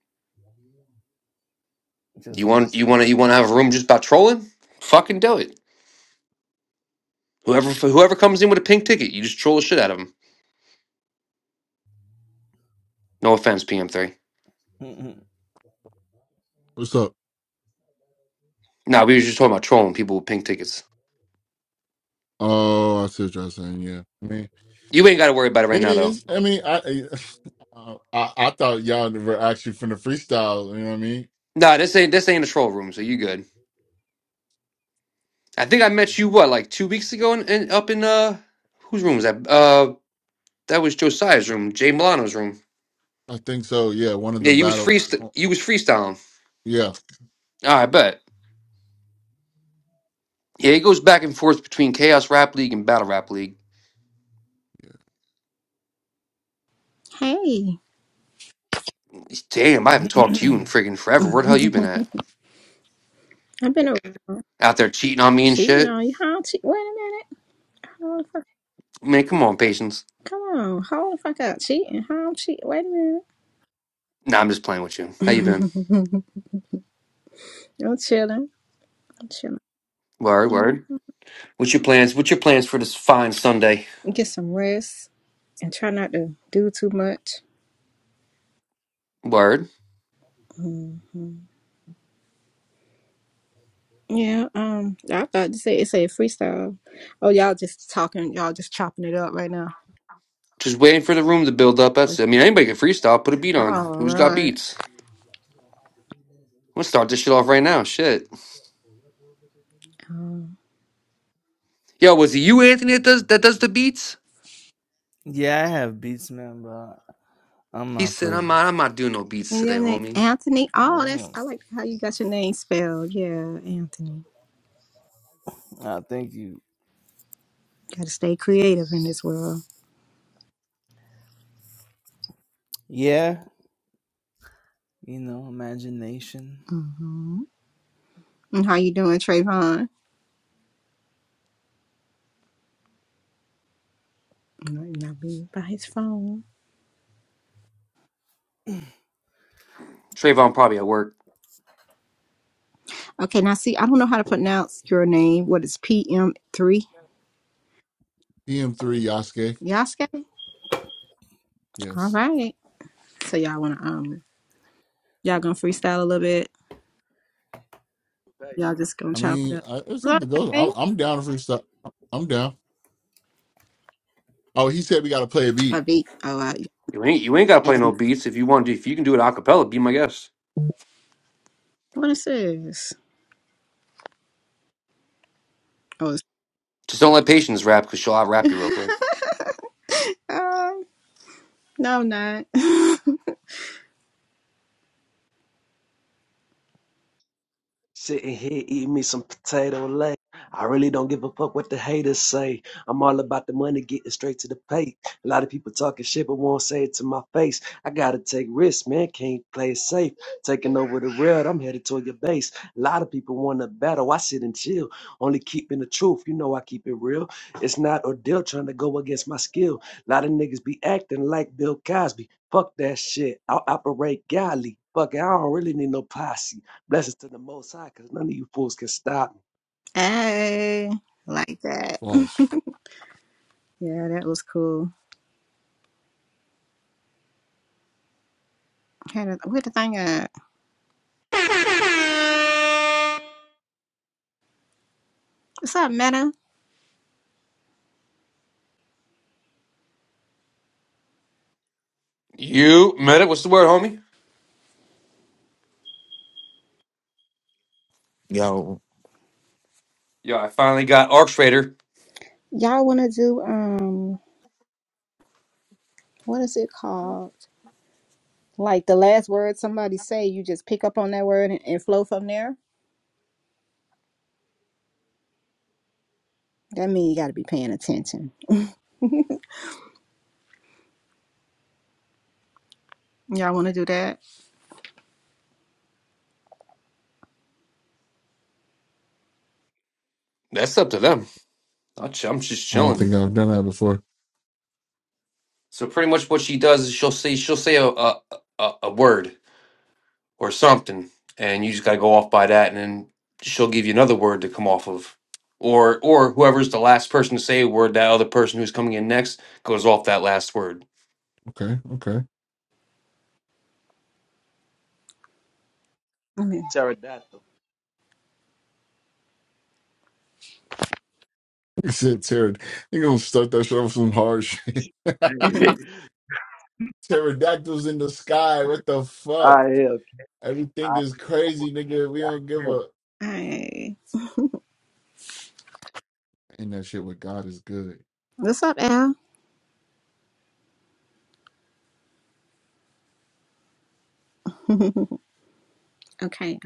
just
You
like
want you want to you want to have a room just about trolling? Fucking do it. Whoever whoever comes in with a pink ticket, you just troll the shit out of them. No offense, PM3.
a.
What's up?
Nah, we were just talking about trolling people with pink tickets.
Oh, I see what y'all saying. Yeah, I mean,
You ain't got to worry about it right
it
now though.
is. I mean, I I, uh, I, I thought y'all were actually from the freestyle. You know what I mean?
Nah, this ain't this ain't a troll room, so you good. I think I met you what like two weeks ago in, in up in uh whose room was that? Uh, that was Josiah's room, Jay Milano's room.
I think so. Yeah, one of
Yeah,
the
you was
battle.
freest
uh,
you was freestyling.
Yeah,
All right, bet. Yeah, it goes back and forth between Chaos Rap League and Battle Rap League.
Hey,
Damn, I haven't talked to you in friggin' forever. Where the hell you been at?
I've been around.
Out there cheating on me and
See, no,
shit?
you how cheat? Wait a minute. Hold the fuck,
Man, come on, patience.
come on, hold the fuck up. Cheating? How cheat? Wait a
Nah, I'm just playing with you. How you been?
minute. I'm chilling. I'm chilling.
Word,
Mhm.
word. What's your plans? What's your plans for this fine Sunday?
Get some rest and try not to do too much.
Word.
That like
hmm
in the comments.
Yeah. Um. I thought to say it said freestyle. Oh, y'all just talking. Y'all just chopping it up right now.
Just waiting for the room to build up.
That's
Like,
That's
what
it. I
I
mean,
said, I'll be,
anybody can
I I'm
freestyle. Put a
going to
beat
the gym.
on.
all
Who's got
right.
I
beats?
do like two and a half to three minutes in
I'm gonna
between
start this
each,
shit off right now.
uh,
Shit.
like set or rep or whatever the case be.
Um,
Yo, was it you, Anthony, that does that does the beats?
Yeah, I have Beats Man, but I'm
He
not
said, "I'm
playing.
not. I'm not doing no beats
and
today,
your name
homie."
Anthony. Oh, that's I like how you got your name spelled. Yeah, Anthony.
I think you.
Got to stay creative in this world.
Yeah, you know, imagination.
hmm And how you doing, Trayvon? Not, not be by his phone.
Trayvon probably at work.
Okay, now see, I don't know how to pronounce your name. What is PM three?
PM3 Yasuke.
Yasuke? All
Yes.
right. So y'all wanna um y'all gonna freestyle a little bit? Y'all just gonna
I
chop it
mean,
up.
I,
Is
it's up
that
to go.
Okay.
I'm, I'm down to freestyle. I'm down. Oh, he said we got to play a
I
beat.
beat oh I
You ain't you ain't gotta play no
and
beats if you want to. If you can do it a cappella, be my guest.
what is this? Oh it's
Just don't let Patience rap because she'll out rap you real quick.
um, no I'm not.
Sitting here eating me some potato leg. I really don't give a fuck what the haters say. I'm all about the money getting straight to the pay. A lot of people talking shit but won't say it to my face. I gotta take risks, man. Can't play it safe. Taking over the rail, I'm headed toward your base. A lot of people wanna battle. I sit and chill. Only keeping the truth. You know I keep it real. It's not ordeal trying to go against my skill. A lot of niggas be acting like Bill Cosby. Fuck that shit. I'll operate godly. Fuck it, I don't really need no posse. Blessings to the Most High, because none of you fools can stop me.
hey I like that.
Bars.
Yeah, that was cool. Where the thing at? What's up, Meta?
You met it. What's the word, homie?
Yo,
Yo, I finally got Arc Trader.
Y'all wanna do um what is it called? Like the last word somebody say, you just pick up on that word and, and flow from there. That means you gotta be paying attention. Y'all wanna do that?
That's up to them. I'll ch- I'm just
I don't
chilling.
think I've done that before.
So pretty much what she does is she'll say she'll say a a, a a word or something, and you just gotta go off by that, and then she'll give you another word to come off of, or or whoever's the last person to say a word, that other person who's coming in next goes off that last word.
Okay. Okay.
Okay.
Pterodactyl.
He said, Terror. You're going to start that shit off with some hard shit. Pterodactyls in the sky. What the fuck?
I am. I,
Everything is crazy, nigga. We
I
don't give
can.
a.
Alright.
And that shit with God is good.
What's up, Al? okay.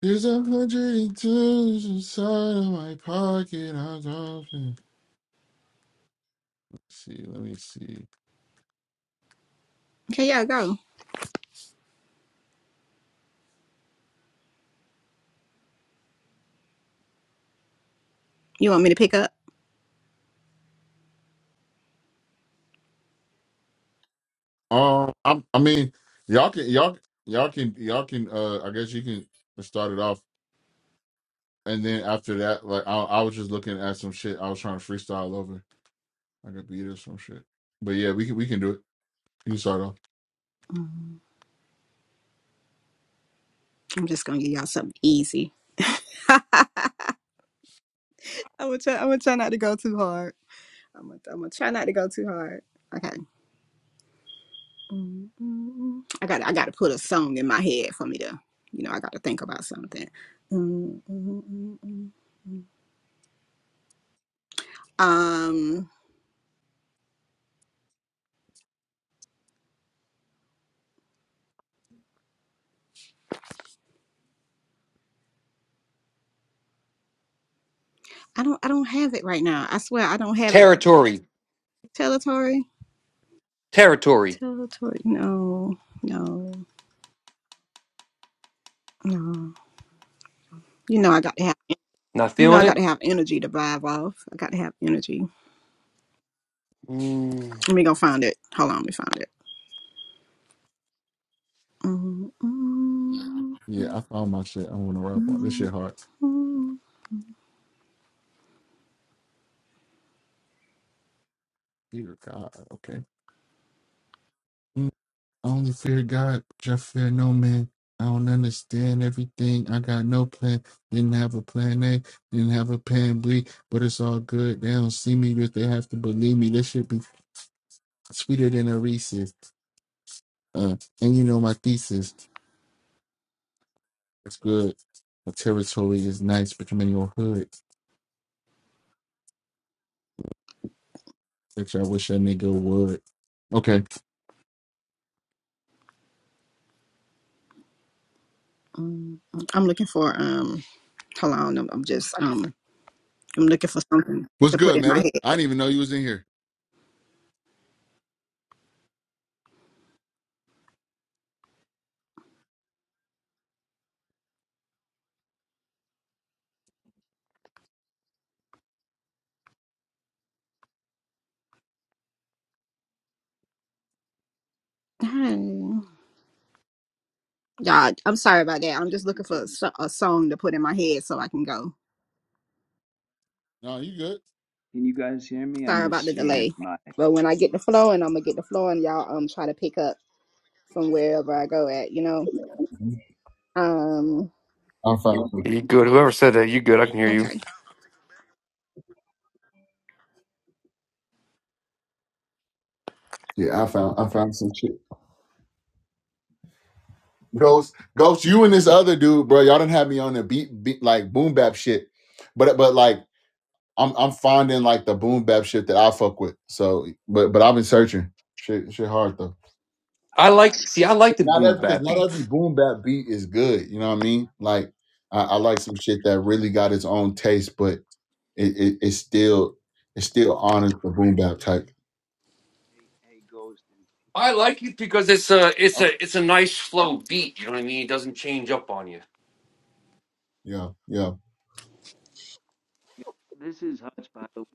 There's a hundred and two inside of my pocket. I'm dropping. see, let me see.
Okay, y'all go. You want me to pick up?
Um, I'm, I mean, y'all can, y'all, y'all can, y'all can. Uh, I guess you can start it off, and then after that, like I, I was just looking at some shit. I was trying to freestyle over. I could beat or some shit. But yeah, we can we can do it. You start off.
Mm, I'm just gonna give y'all something easy. I'm gonna try I'm gonna try not to go too hard. I'm gonna, I'm gonna try not to go too hard. Okay. mm mm I got I got to put a song in my head for me to, you know, I got to think about something. mm mm mm mm, mm. Um, I don't I don't have it right now. I swear I don't have it.
Territory,
Territory,
territory.
territory. No, no, no. You know I got to have.
Not
You know I
feeling
got
it.
to have energy to vibe off. I got to have energy.
Mm.
Let me go find it. Hold on, let me find it. mm mm mm
Yeah, I found my shit. I want to rap on this
mm
shit hard.
mm
Fear God. Okay. Mm, I only fear God, but I fear no man. I don't understand everything. I got no plan. Didn't have a plan A. Didn't have a plan B. But it's all good. They don't see me, but they have to believe me. This should be sweeter than a Reese's. Uh, and you know my thesis. It's good. My territory is nice, but I'm in your hood. Which I wish a nigga would. Okay.
mm. I'm looking for um. Hold on, I'm, I'm just um. I'm looking for something
What's
to put
good,
in my
Meta? I
head.
didn't even know you was in here.
Dang. Y'all, I'm sorry about that. I'm
Check
just
two
looking for a,
two.
so- a song to put in my head so I can go.
No, you good.
Can you guys hear me? I'm
Sorry about
just
the
seeing if
delay.
my I
But when I get the flow and I'm gonna get the flow and y'all um try to pick up from wherever I go at, you know? Um
I found
You good? Whoever said that, you good? I can hear you.
okay.
yeah, I found I found some shit. Ghost, Ghost, you and this other dude, bro, y'all didn't have me on the beat, beat like boom bap shit, but but like I'm I'm finding like the boom bap shit that I fuck with. So, but but I've been searching shit shit hard though.
I
got my
like. See, I like the
Not
boom
every because
bap
not every
beats.
boom bap beat is good. You know what I mean? Like I, I like some shit that really got its own taste, but it, it it's still it still honors the boom bap type.
hey hey ghost and
I like it because it's a it's
oh
a it's a nice flow beat. You know what I mean? It doesn't change up on you.
Yeah, yeah.
yeah. This is Hutch by the way.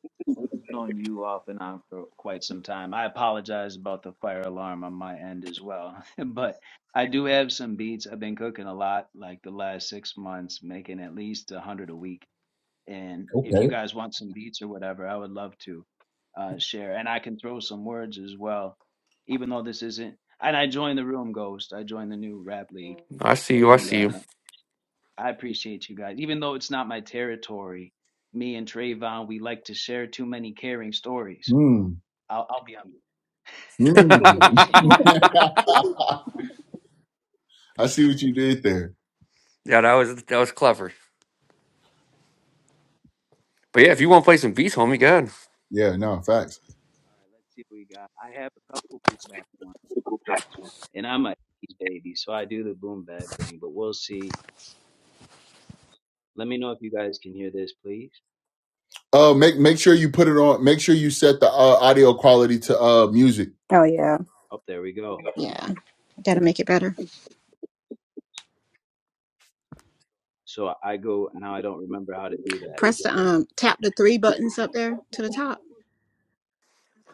I've known you off and on for quite some time. I apologize about the fire alarm on my end as well. but I do have some beats. I've been cooking a lot like the last six months, making at least a hundred a week. And
Okay.
if you guys want some beats or whatever, I would love to uh, share. And I can throw some words as well, even though this isn't. And I joined the room, Ghost. I joined the new rap league
I see you. I
And
see you.
uh, I appreciate you guys. Even though it's not my territory, me and Trayvon, we like to share too many caring stories.
Hmm.
I'll, I'll be on
Hmm.
yeah,
mute. appreciate you guys.
I see what you did there.
that was that was clever. But yeah, if you want to play some beats, homie, go ahead.
Yeah, no, facts.
All right, let's see what we got. I have a couple boom back ones. And I'm a 80s baby, so I do the boom back thing, but we'll see. Let me know if you guys can hear this, please.
Uh make make sure you put it on make sure you set the uh, audio quality to uh music.
Oh yeah.
Oh, there we go.
Yeah, gotta make it better.
So I go, now I don't remember how to do that.
Press the um tap the three buttons up there to the top.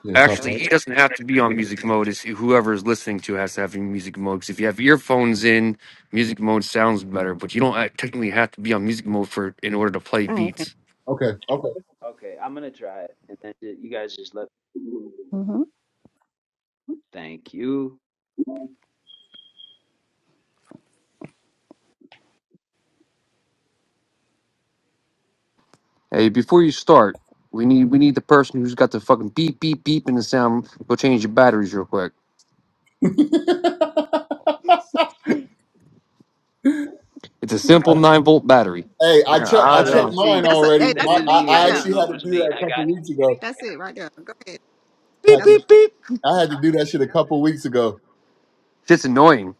Yeah, top
Actually,
notch.
he doesn't have to be on music mode. It's whoever is listening to has to have music mode. 'Cause if you have earphones in, music mode sounds better. But you don't act- technically have to be on music mode for in order to play
Oh okay.
beats.
Okay, okay.
Okay, I'm going to try it. And then ju- you guys just let,
hmm
thank you.
Hey, before you start, we need we need the person who's got the fucking beep beep beep in the sound. Go change your batteries real quick. It's a simple nine volt battery.
Hey, I
man,
checked. I
I
No,
checked
done.
that's me.
mine
That's a
already.
hey,
That
that's
My,
a
is
I,
beat
me.
right
I
I
there.
actually
didn't know
had
it
to
was
do
me.
that
I
a
got
couple weeks ago. I
That's it right there. Go ahead.
Beep
Had
That's a
to,
beep beep.
I had to do that shit a couple weeks ago.
Shit's annoying.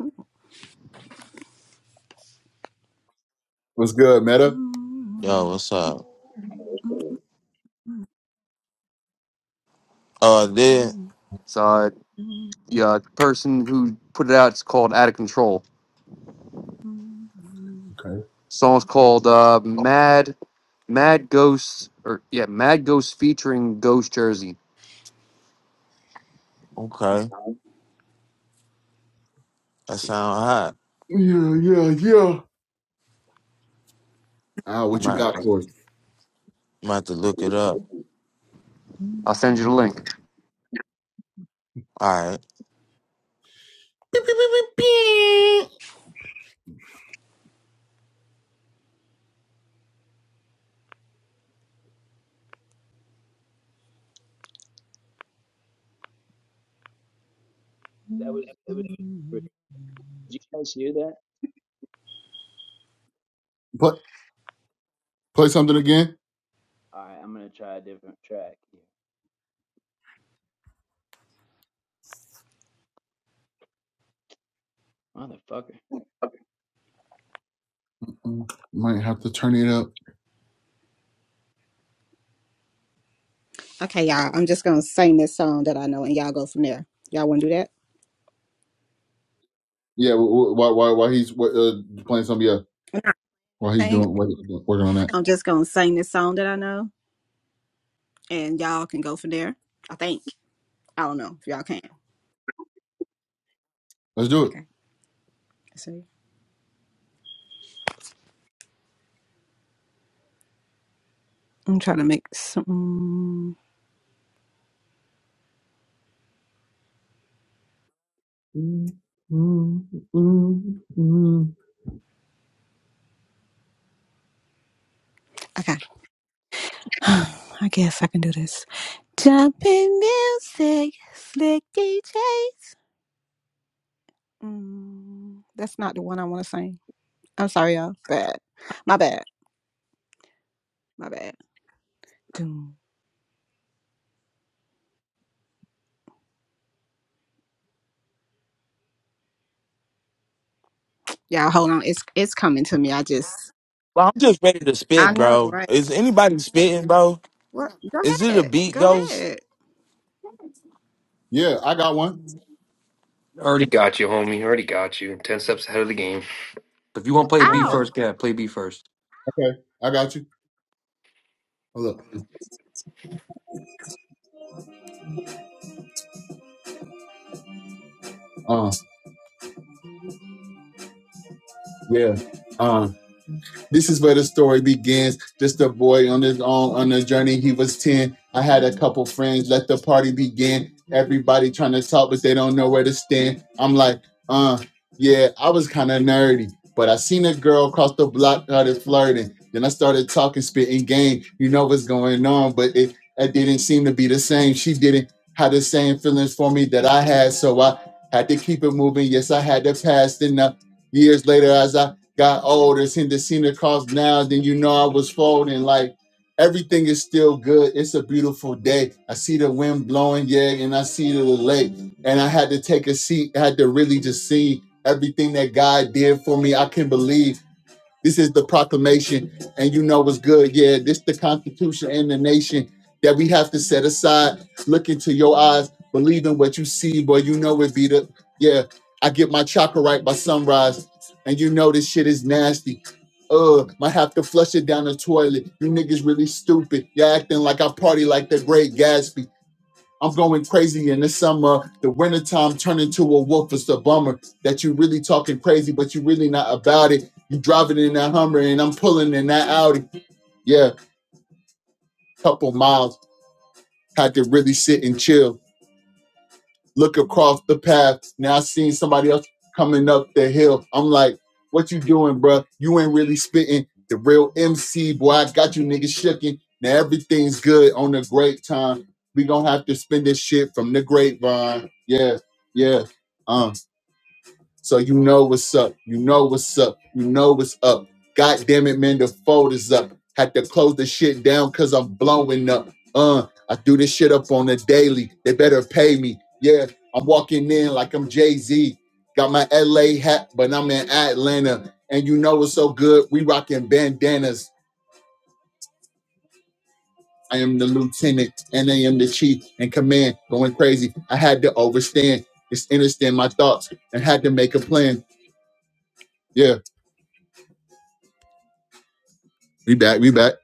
beat.
What's good, Meta?
Yo, what's up? Oh, uh, there.
So uh, yeah, the uh, person who put it out it's called Out of Control.
Okay.
Song's called uh, Mad Mad Ghosts or yeah Mad Ghosts featuring Ghost Jersey.
Okay, that sound hot.
Yeah, yeah, yeah. Ah,
I'm
what you
about,
got
to,
for us?
I'm about to look it up.
I'll send you the link.
All right.
That was it was. Did you guys hear that?
Play, play something again.
All right, I'm gonna try a different track here. Motherfucker.
Might have to turn it up.
Okay, y'all. I'm just gonna sing this song that I know, and y'all go from there. Y'all want to do that?
Yeah, wh- wh- while while, while he's uh, playing some, yeah,
And I
while he's
think
doing working on that.
I'm just gonna sing this song that I know, and y'all can go from there. I think. I don't know if y'all can.
Let's do it.
Okay. Let's see. I'm trying to make some.
Mm, mm, mm, mm.
Okay. I guess I can do this. Jumping music, slick DJs. Mm, that's not the one I want to sing. I'm sorry, y'all. Bad. My bad. My bad. Doom. Y'all hold on. It's it's coming to me. I just
Well, I'm just ready to spit,
I know,
bro.
right?
Is anybody spitting, bro?
Well, go
Is it a
ahead.
beat
Go
ghost?
ahead.
Yeah, I got one.
Already got you, homie. Already got you. Ten steps ahead of the game. If you want to play B
right.
Ow.
first, yeah, play B first.
Okay, I got you. Hold up. Uh, yeah. Uh. This is where the story begins. Just a boy on his own on a journey. He was 10. I had a couple friends. Let the party begin. Everybody trying to talk, but they don't know where to stand. I'm like, uh, yeah, I was kind of nerdy. But I seen a girl across the block started flirting. Then I started talking, spitting game. You know what's going on, but it, it didn't seem to be the same. She didn't have the same feelings for me that I had, so I had to keep it moving. Yes, I had to pass. Then uh, years later, as I got old and seen the seen the cross now, then you know I was folding. Like everything is still good. It's a beautiful day. I see the wind blowing, yeah, and I see the lake. And I had to take a seat, I had to really just see everything that God did for me. I can believe. This is the proclamation, and you know what's good. Yeah, this the Constitution and the nation that we have to set aside. Look into your eyes, believe in what you see, boy. You know it be the yeah. I get my chakra right by sunrise, and you know this shit is nasty. Uh, might have to flush it down the toilet. You niggas really stupid. Y'all acting like I party like the Great Gatsby. I'm going crazy in the summer. The wintertime turn into a wolf. It's a bummer that you really talking crazy, but you really not about it. You driving in that Hummer and I'm pulling in that Audi. Yeah, couple miles. Had to really sit and chill. look across the path. Now I seen somebody else coming up the hill. I'm like, what you doing, bro? You ain't really spitting. The real MC, boy, I got you niggas shaking. Now everything's good on the great time. We gonna have to spend this shit from the grapevine. Yeah, yeah. Um. So you know what's up. You know what's up. You know what's up. God damn it, man, the fold is up. Had to close the shit down because I'm blowing up. Uh, I do this shit up on the daily. They better pay me. Yeah, I'm walking in like I'm Jay-Z. Got my LA hat, but I'm in Atlanta. And you know it's so good? We rocking bandanas. I am the lieutenant and I am the chief in command. Going crazy. I had to overstand. Just understand my thoughts and had to make a plan. Yeah, we back, we back.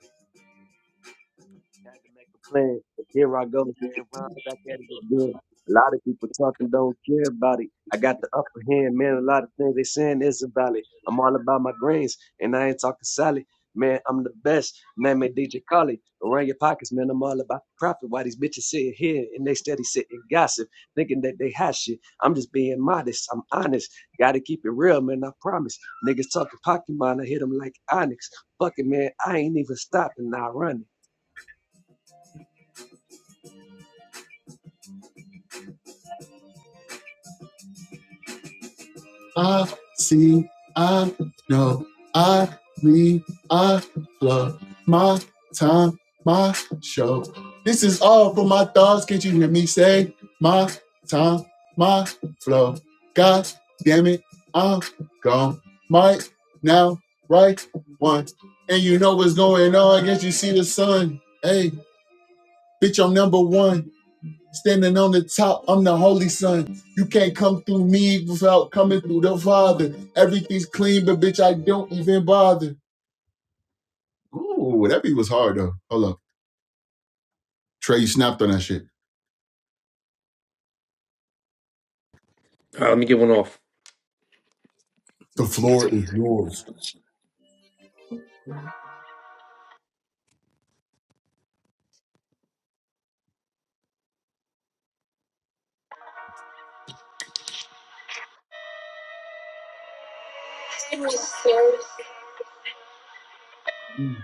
Had to make a plan. Here I go. And run back at it again. A lot of people talking don't care about it. I got the upper hand, man. A lot of things they saying is about it. I'm all about my grains, and I ain't talking salad. Man, I'm the best. Name it DJ Khaled. Around your pockets, man. I'm all about the profit. Why these bitches sitting here and they steady sitting gossip, thinking that they hot shit. I'm just being modest. I'm honest. Gotta keep it real, man. I promise. Niggas talking Pokemon. I hit them like Onyx. Fuck it, man. I ain't even stopping. I run it.
I see, I know, I need, I love my time, my show. This is all for my thoughts. Can't you hear me say my time, my flow? God damn it, I'm gone. Right now, right one. And you know what's going on. I guess you see the sun. Hey, bitch, I'm number one standing on the top. I'm the Holy Son. You can't come through me without coming through the Father. Everything's clean, but bitch, I don't even bother. Ooh, that beat was hard though. Hold up. Trey, you snapped on that shit.
All right, let me get one off.
The floor is yours. Mm.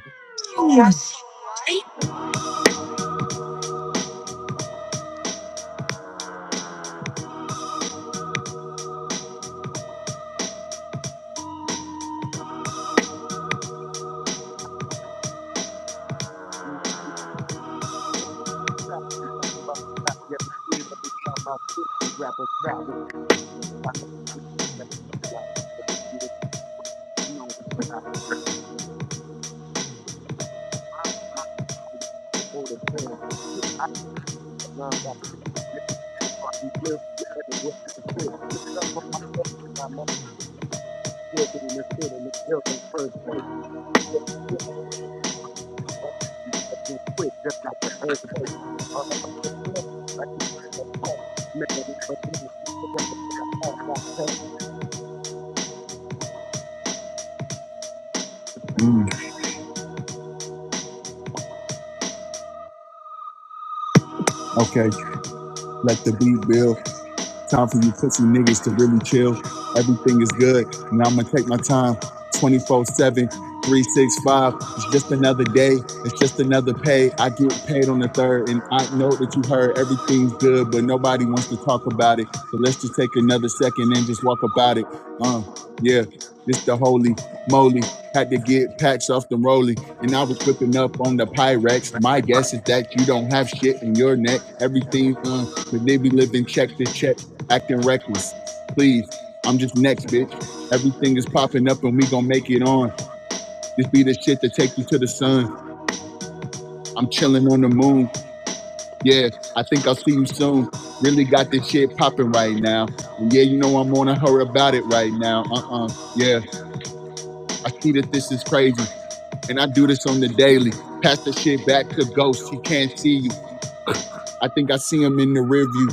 Mm. Okay. Let the beat build. Time for you pussy niggas to really chill. Everything is good. And I'm going to take my time 24 7, 365. It's just another day. It's just another pay. I get paid on the third. And I know that you heard everything's good, but nobody wants to talk about it. So let's just take another second and just walk about it. Uh, yeah, This the holy moly. Had to get packs off the rolling, and I was whipping up on the Pyrex. My guess is that you don't have shit in your neck. Everything, uh, but they be living check to check acting reckless. Please, I'm just next, bitch. Everything is popping up and we gonna make it on. This be the shit that take you to the sun. I'm chilling on the moon. Yeah, I think I'll see you soon. Really got this shit popping right now. And yeah, you know I'm on a hurry about it right now. Uh-uh. Yeah, I see that this is crazy. And I do this on the daily. Pass the shit back to Ghost. He can't see you. I think I see him in the rear view.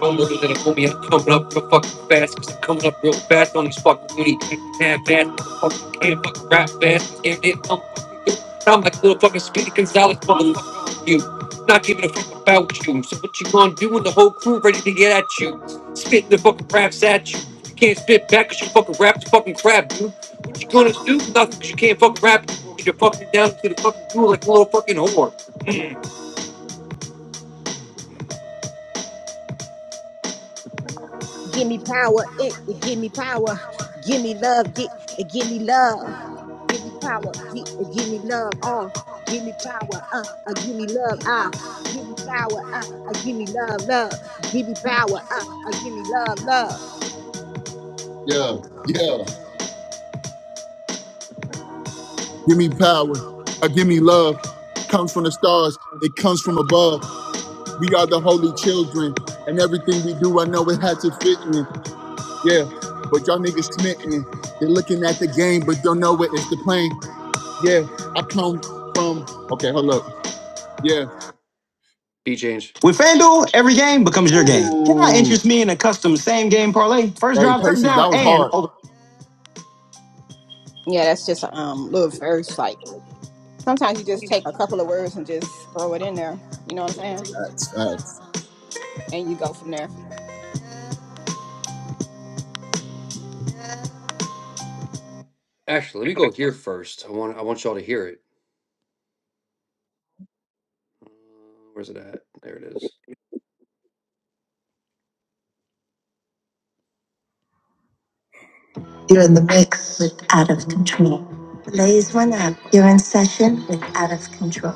Don't look at a homie, I'm coming up real fucking fast. Cause I'm coming up real fast on these fucking booty. Can't fast, motherfucker, can't fucking rap fast. And it, I'm fucking good. I'm like little fucking Speedy Gonzalez, motherfucker, you. Not giving a fuck about you. So what you gonna do when the whole crew ready to get at you? Spitting the fucking raps at you. You can't spit back cause you fucking rap's fucking crap, dude. What you gonna do? Nothing cause you can't fucking rap. You're fucking down to the fucking pool like a little fucking whore.
Give me power. It, it give me power. Give me love. Get it give me love. Give me power. Get it give me love. Oh, give me power. Uh, uh give me love. Ah, give me power. Uh, uh give me love. Love. Give me power. Uh, uh give me love. Love.
Yeah, yeah. give me power, or give me love comes from the stars. It comes from above. We are the holy children, and everything we do, I know it had to fit in. Yeah, but y'all niggas smitten. They're looking at the game, but don't know it is the plane. Yeah, I come from. Okay, hold up. Yeah.
Be changed. With FanDuel, every game becomes your game. Can I
Ooh.
interest me in a custom same game parlay? First
Hey,
drive
patience.
touchdown
That was
and
hard.
over.
Yeah, that's just a um little verse. Like sometimes you just take a couple of words and just throw it in there. You know what I'm saying?
That's facts.
And you go from there.
Actually, let me go here first. I want I want y'all to hear it. Where's it at? There it is. You're in the mix with Out of Control. Blaze one up. You're in session with Out of Control.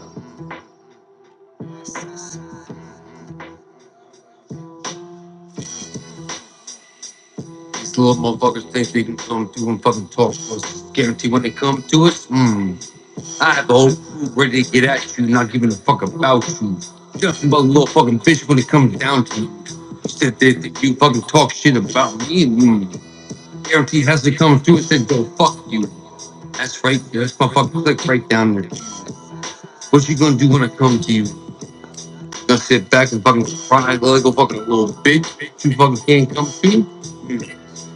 These little motherfuckers think they can come through and fucking talk to us. Guarantee when they come to us. hmm. I have a whole crew ready to get at you, not giving a fuck about you. Just but a little fucking bitch when it comes down to you. You said that, that you fucking talk shit about me and you guarantee has to come through and said go fuck you. That's right, that's my fucking click right down there. What you gonna do when I come to you? Gonna sit back and fucking cry like a fucking little bitch? You fucking can't come to? me.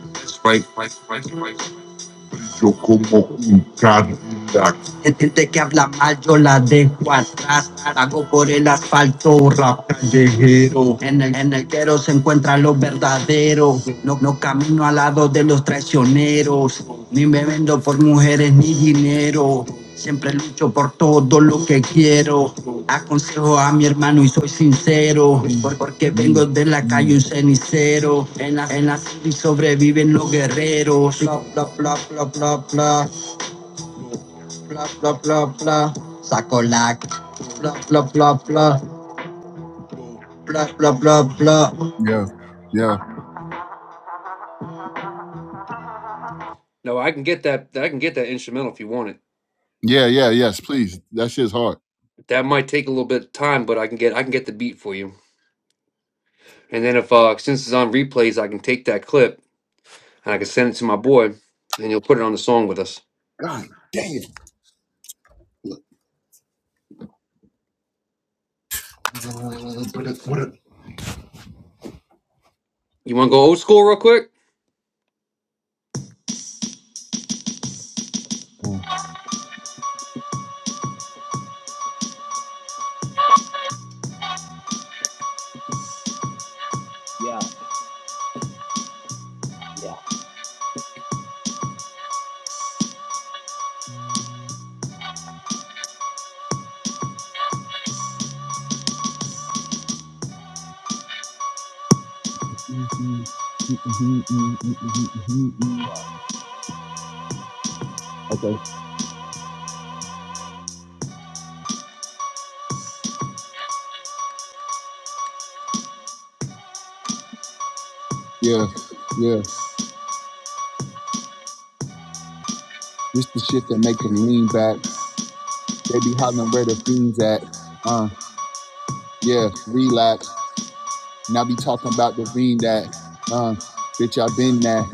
That's right, right, right, right. yo como un Cadillac. Este te que habla mal, yo la dejo atrás. Hago por el asfalto, rap calle. En el, en el quero se encuentran los verdaderos. No, no camino al lado de los traicioneros. Ni me vendo por mujeres ni dinero. Siempre lucho por todo lo que quiero. Aconsejo a mi hermano y soy sincero.
Mm,
por- Porque vengo
mm,
de la calle
mm.
un cenicero. En la, en la city sobreviven los guerreros. Bla, bla, bla, bla, bla, bla. Bla, bla, bla, bla. Saco la. Bla, bla, bla, bla. Bla, bla, bla, bla.
Yeah, yeah,
No, I can get that. I can get that instrumental if you want it.
yeah, yeah. Yes, please. That shit's hard.
That might take a little bit of time, but I can get I can get the beat for you. And then if uh, since it's on replays, I can take that clip and I can
Well,
send it to my boy, and he'll put it on the song with us.
God damn.
You want to go old school real quick?
Yeah, yeah.
Mhm, mhm, mhm, mhm, mhm, mhm, mhm.
Wow.
Okay. Yeah. Yeah. This the shit that make them lean back. They be hollering where the fiends at. Uh. Yeah. Relax. And I be talking about the ring that, um, bitch, I been that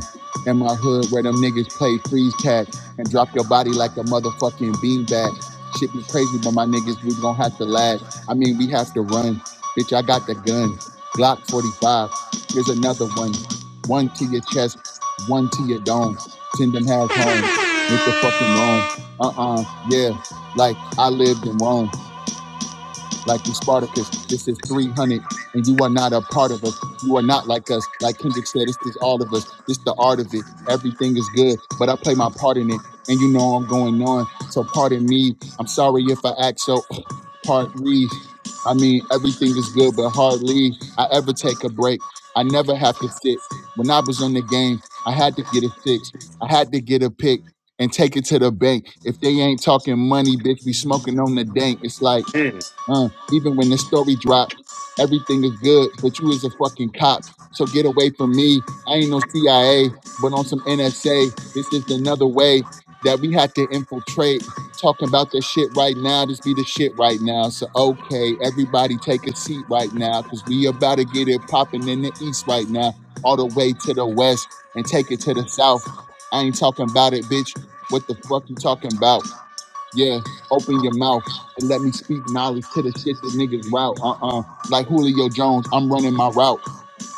in my hood where them niggas play freeze tag and drop your body like a motherfucking beanbag. Shit be crazy, but my niggas, we gonna have to lag. I mean, we have to run. Bitch, I got the gun. Glock 45. Here's another one. One to your chest, one to your dome. Send them half home. Make the fucking wrong. Uh-uh. Yeah. Like I lived in Rome like you Spartacus. This is 300, and you are not a part of us. You are not like us. Like Kendrick said, it's just all of us. It's the art of it. Everything is good, but I play my part in it, and you know I'm going on. So pardon me. I'm sorry if I act so. Pardon, me. I mean, everything is good, but hardly I ever take a break. I never have to sit. When I was on the game, I had to get a fix. I had to get a pick and take it to the bank. If they ain't talking money, bitch, we smoking on the dank. It's like
Mm.
uh, even when this story dropped, everything is good, but you is a fucking cop. So get away from me. I ain't no CIA, but on some NSA. This is another way that we have to infiltrate. Talking about this shit right now, this be the shit right now. So okay, everybody take a seat right now, cause we about to get it popping in the east right now, all the way to the west and take it to the south. I ain't talking about it, bitch. What the fuck you talking about? Yeah, open your mouth and let me speak knowledge to the shit that niggas route. Uh uh Like Julio Jones, I'm running my route.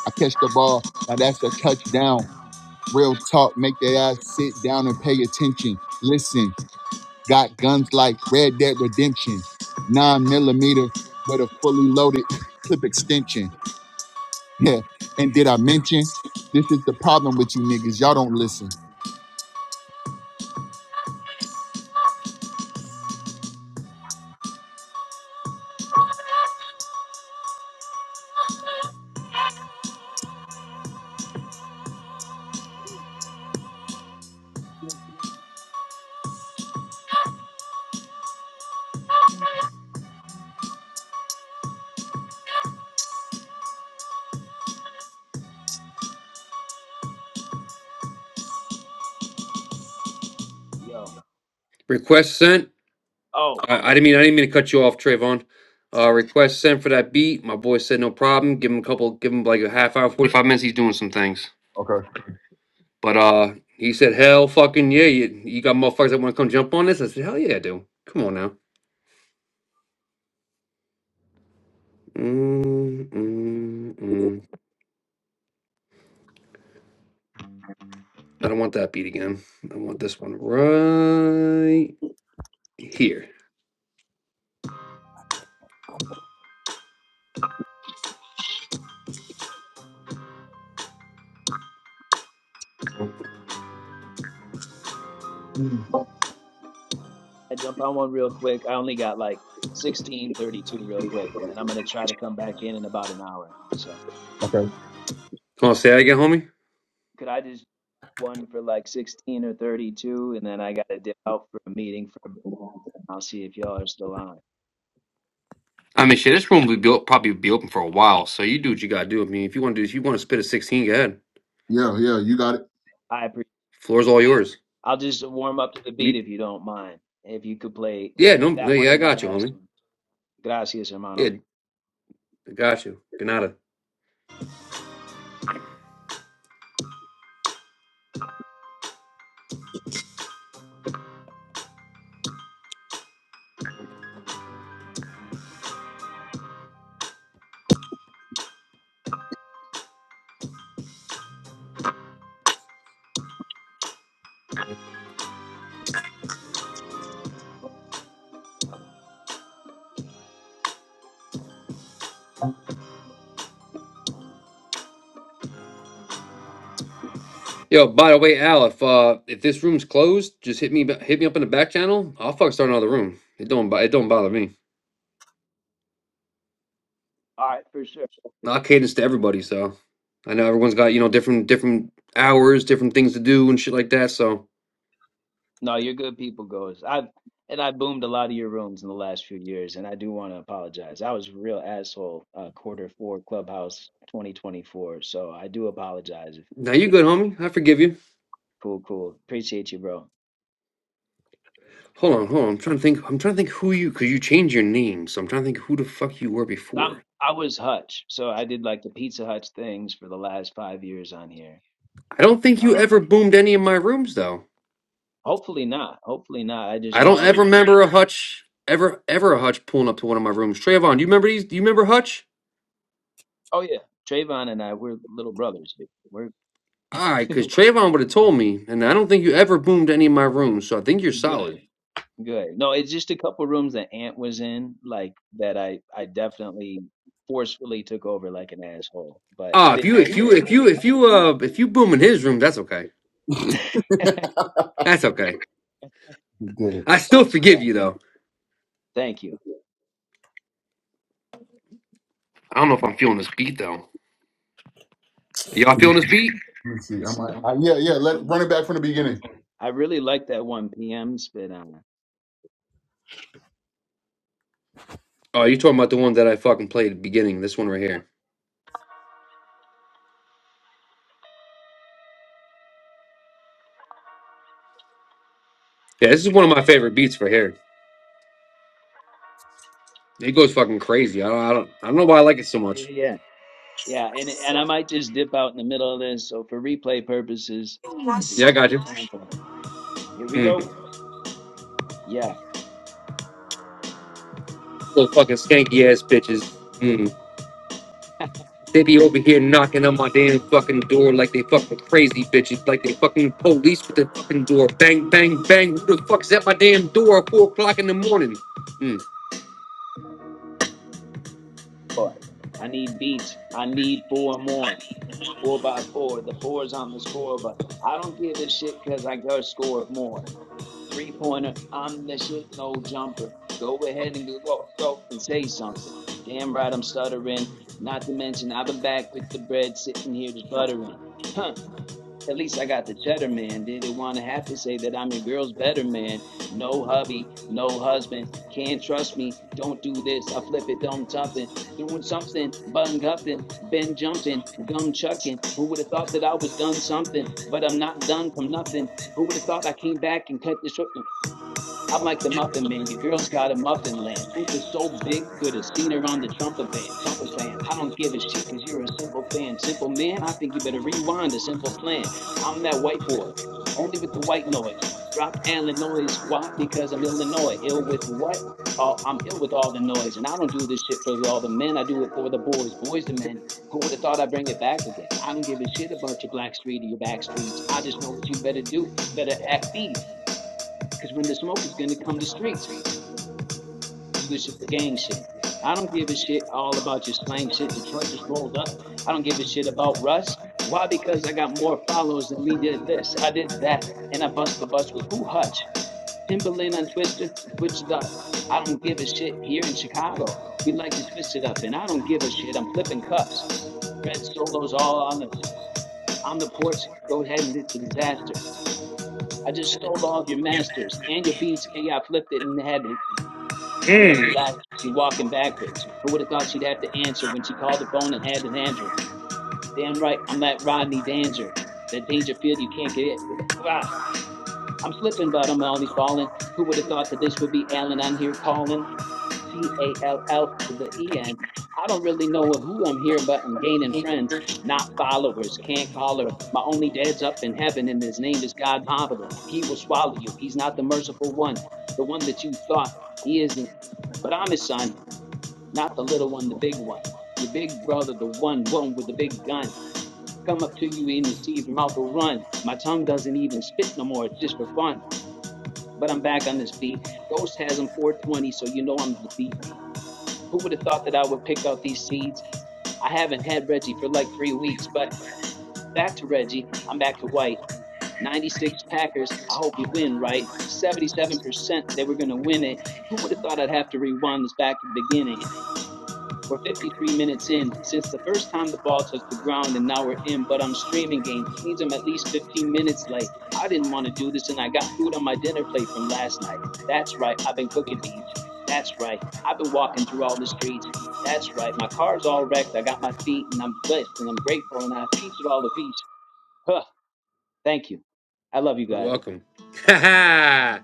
I catch the ball. Now that's a touchdown. Real talk. Make their ass sit down and pay attention. Listen, got guns like Red Dead Redemption, nine millimeter with a fully loaded clip extension. Yeah. And did I mention this is the problem with you niggas? Y'all don't listen.
Yo.
Request sent.
Oh,
I, I didn't mean I didn't mean to cut you off, Trayvon. Uh, request sent for that beat. My boy said no problem. Give him a couple. Give him like a half hour, forty five minutes. He's doing some things,
Okay.
but uh, he said hell fucking yeah. You, you got motherfuckers that want to come jump on this? I said hell yeah, I do. Come on now. Mm, mm, mm. I don't want that beat again. I want this one right here.
Mhm.
I jump on one real quick. I only got like 16:32 real quick, and then I'm gonna try to come back in in about an hour. So
Come on, say that again, homie.
could I just one for like 16 or 32, and then I gotta dip out for a meeting for. I'll see if y'all are still on.
I mean, shit, this room will be o- probably be open for a while, so you do what you gotta do. I mean, if you want to do, if you want to spit a sixteen, go ahead.
Yeah, yeah, you got it.
I appreciate.
Floor's all yours.
I'll just warm up to the beat
You,
if you don't mind. If you could play
yeah, no, no,
that one
yeah, I
or the
got you,
last
homie.
one. Gracias, hermano.
Yeah, I got you. Ganada. Yo, by the way, Al, if uh, if this room's closed, just hit me, ba- hit me up in the back channel. I'll fuck start another room. It don't, bo- it don't bother me.
All right, for sure. For sure.
I cadence to everybody, so I know everyone's got you know different different hours, different things to do and shit like that. So
No, you're good people goers. I've and I boomed a lot of your rooms in the last few years, and I do want to apologize. I was a real asshole uh, quarter four clubhouse 2024, so I do apologize.
now you good, homie. I forgive you.
Cool, cool. Appreciate you, bro.
Hold on, hold on. I'm trying to think. I'm trying to think who you because you changed your name, so I'm trying to think who the fuck you were
I'm
before.
I was Hutch, so I did like the Pizza Hutch things for the last five years on here.
I don't think you
Um,
ever boomed any of my rooms though.
hopefully not. Hopefully not. I just
I
know
don't
I was.
ever remember a hutch ever ever a hutch pulling up to one of my rooms. Trayvon, do you remember these? Do you remember hutch?
Oh yeah, Trayvon and I, we're little brothers. dude. We're
All right, because Trayvon would have told me, and I don't think you ever boomed any of my rooms, so I think you're solid.
good. Good. No, it's just a couple rooms that Ant was in, like that I I definitely forcefully took over like an asshole, but
Ah,
I
if
didn't
you
know
if
if they
you
were.
if you if you uh if you boom in his room, that's okay. That's okay.
You did
I still
Appreciate you
forgive
guys.
you though.
Thank you.
I don't know if I'm feeling this beat though. Y'all
it.
feeling this beat?
Let me see. I'm like, I, yeah, yeah. Let
Um,
run it back from the beginning.
I really like that 1 p.m. spit on.
Oh, you talking about the one that I fucking played at the beginning? This one right here. Yeah, this is one of my favorite beats right here. It goes fucking crazy. I don't, I don't, I don't know why I like it so
Yeah,
much.
yeah, yeah. Yeah, and and I might just dip out in the middle of this. So for replay purposes, this is
I
just
got
a
you.
sample. Here we
Mm.
go. Yeah,
Little fucking skanky ass bitches. Mm. They be over here knocking on my damn fucking door like they fucking crazy bitches, like they fucking police with the fucking door. Bang, bang, bang. Who the fuck's at my damn door at four o'clock in the morning? Mm.
boy. I need beats. I need four more. four by four. The four is on the score, but I don't give a shit because I got to score more. Three pointer, I'm the shit, no jumper. Go ahead and go, go, go and say something. Damn right, I'm stuttering. Not to mention, I've been back with the bread sitting here just buttering. At least I got the cheddar man. Did it want to have to say that I'm your girl's better man? No hubby, no husband. Can't trust me. Don't do this. I flip it, don't something. Doing something, bun gupping, been jumping, gum chucking. Who would have thought that I was done something? But I'm not done from nothing. Who would have thought I came back and cut this short? I'm like the Muffin Man. Your girl's got a muffin land. Hoop is so big, could have seen her on the trumpet band. Trumpet band. I don't give a shit because you're a simple fan. Simple man, I think you better rewind a simple plan. I'm that white boy, only with the white noise. Dropped Illinois. Why? Because I'm Illinois. Ill with what? Oh, I'm ill with all the noise. And I don't do this shit for all the men. I do it for the boys. Boys, the men. Who would have thought I'd bring it back again? I don't give a shit about your black street or your back streets. I just know what you better do. Better act beef. Because when the smoke is going to come to streets, do the, shit, the gang shit. I don't give a shit all about your slang shit. Detroit just rolled up. I don't give a shit about Russ. Why? Because I got more followers than we did this. I did that. And I bust the bus with who Hutch? Timberland on Twister, Twitch it up. I don't give a shit here in Chicago. We like to twist it up. And I don't give a shit. I'm flipping cups. Red solos all on the on the porch. Go ahead and it's a disaster. I just stole all of your masters and your beats and I flipped it and had Your girl's
Mm.
back. She's walking backwards. Who would have thought she'd have to answer when she called the phone and had an answer? Damn right, I'm that Rodney Danger. That Dangerfield you can't get. It. Ah, I'm slipping, but I'm always falling. Who would have thought that this would be Alan on here calling? C A L L to the E N. I don't really know who I'm here, but I'm gaining friends, not followers. Can't call her. My only dad's up in heaven, and his name is God Mahabharata. He will swallow you. He's not the merciful one, the one that you thought he isn't. But I'm his son not the little one, the big one. Your big brother, the one, one with the big gun, come up to you in the sea, your mouth will run. My tongue doesn't even spit no more, it's just for fun. But I'm back on this beat. Ghost has them 420, so you know I'm the beat. Who would have thought that I would pick out these seeds? I haven't had Reggie for like three weeks, but back to Reggie. I'm back to White. 96 Packers. I hope we win, right? 77% they were going to win it. Who would have thought I'd have to rewind this back to the beginning? We're 53 minutes in since the first time the ball touched the ground, and now we're in. But I'm streaming games, which means I'm at least 15 minutes late. I didn't want to do this, and I got food on my dinner plate from last night. That's right, I've been cooking beats. That's right, I've been walking through all the streets. That's right, my car's all wrecked. I got my feet, and I'm blessed, and I'm grateful, and I have peace of all the peace. Huh, thank you. I love you guys.
Welcome. Ha ha.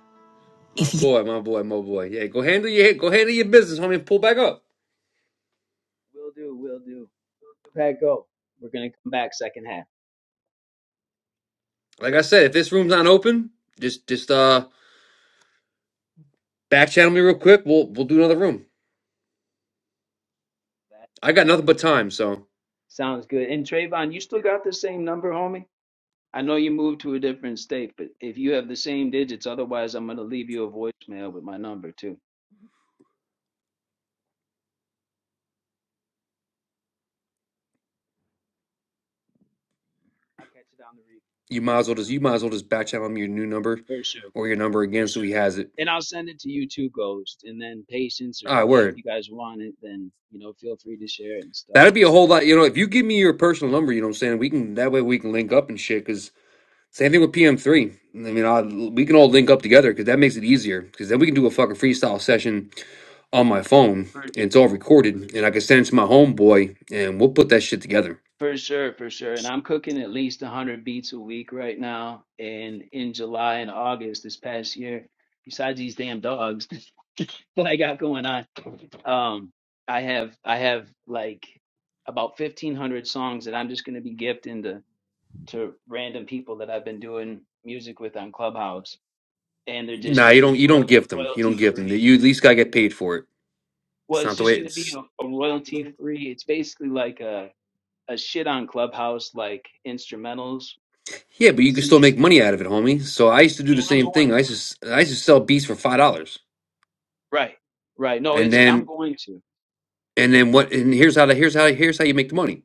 Boy, my boy, my boy. Yeah, go handle your go handle your business, homie. and Pull back up.
Will do, will do. Pat, go. We're gonna come back second half.
Like I said, if this room's not open, just just uh back channel me real quick. We'll we'll do another room.
That
I got nothing but time, so
sounds good. And Trayvon, you still got the same number, homie? I know you moved to a different state, but if you have the same digits, otherwise I'm gonna leave you a voicemail with my number too. I'll catch it on the replay
you might as well just you might as well just back channel me your new number
for sure,
or your number again so he has it.
and I'll send it to you too, Ghost. And then Patience, if
All right,
if
word.
you guys want it, then you know feel free to share it and stuff.
That'd be a whole lot. You know, if you give me your personal number, you know what I'm saying. We can that way we can link up and shit. cause. Same thing with PM3. I mean, I, we can all link up together because that makes it easier. Because then we can do a fucking freestyle session on my phone,
For,
and it's all recorded, and I can send it to my homeboy, and we'll put that shit together.
for sure, for sure. And I'm cooking at least 100 beats a week right now, and in July and August this past year, besides these damn dogs that I got going on. Um, I have I have like about fifteen hundred songs that I'm just gonna be gifting to to random people that I've been doing music with on Clubhouse, and they're just
Nah, you
gonna
don't.
be
You don't
royal,
gift them. You don't
royalty
gift them.
free.
You at least gotta get paid for it. It's
Well, it's
not the
just
way
gonna be
it's.
a, a royalty free. It's basically like a a shit on Clubhouse like instrumentals
Yeah, but you can still
CD.
make money out of it, homie. So I used to do the
No, I'm
same thing.
going
I
to.
used to s- I used to sell beats for five dollars,
Right, right. No,
and
it's
then
I'm going to
And then what? And here's how. To, here's how. Here's how you make the money.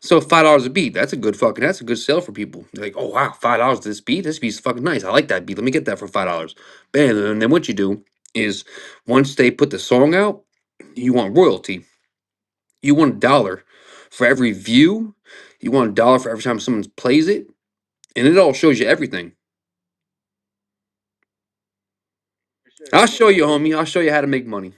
So five dollars a beat. That's a good fucking. That's a good sale for people. They're like, oh wow, five dollars this beat. This beat's fucking nice. I like that beat. Let me get that for five dollars. Bam. And then what you do is once they put the song out, you want royalty. You want a dollar for every view. You want a dollar for every time someone plays it, and it all shows you everything.
for sure.
I'll show you,
And
homie. I'll show you how to make money.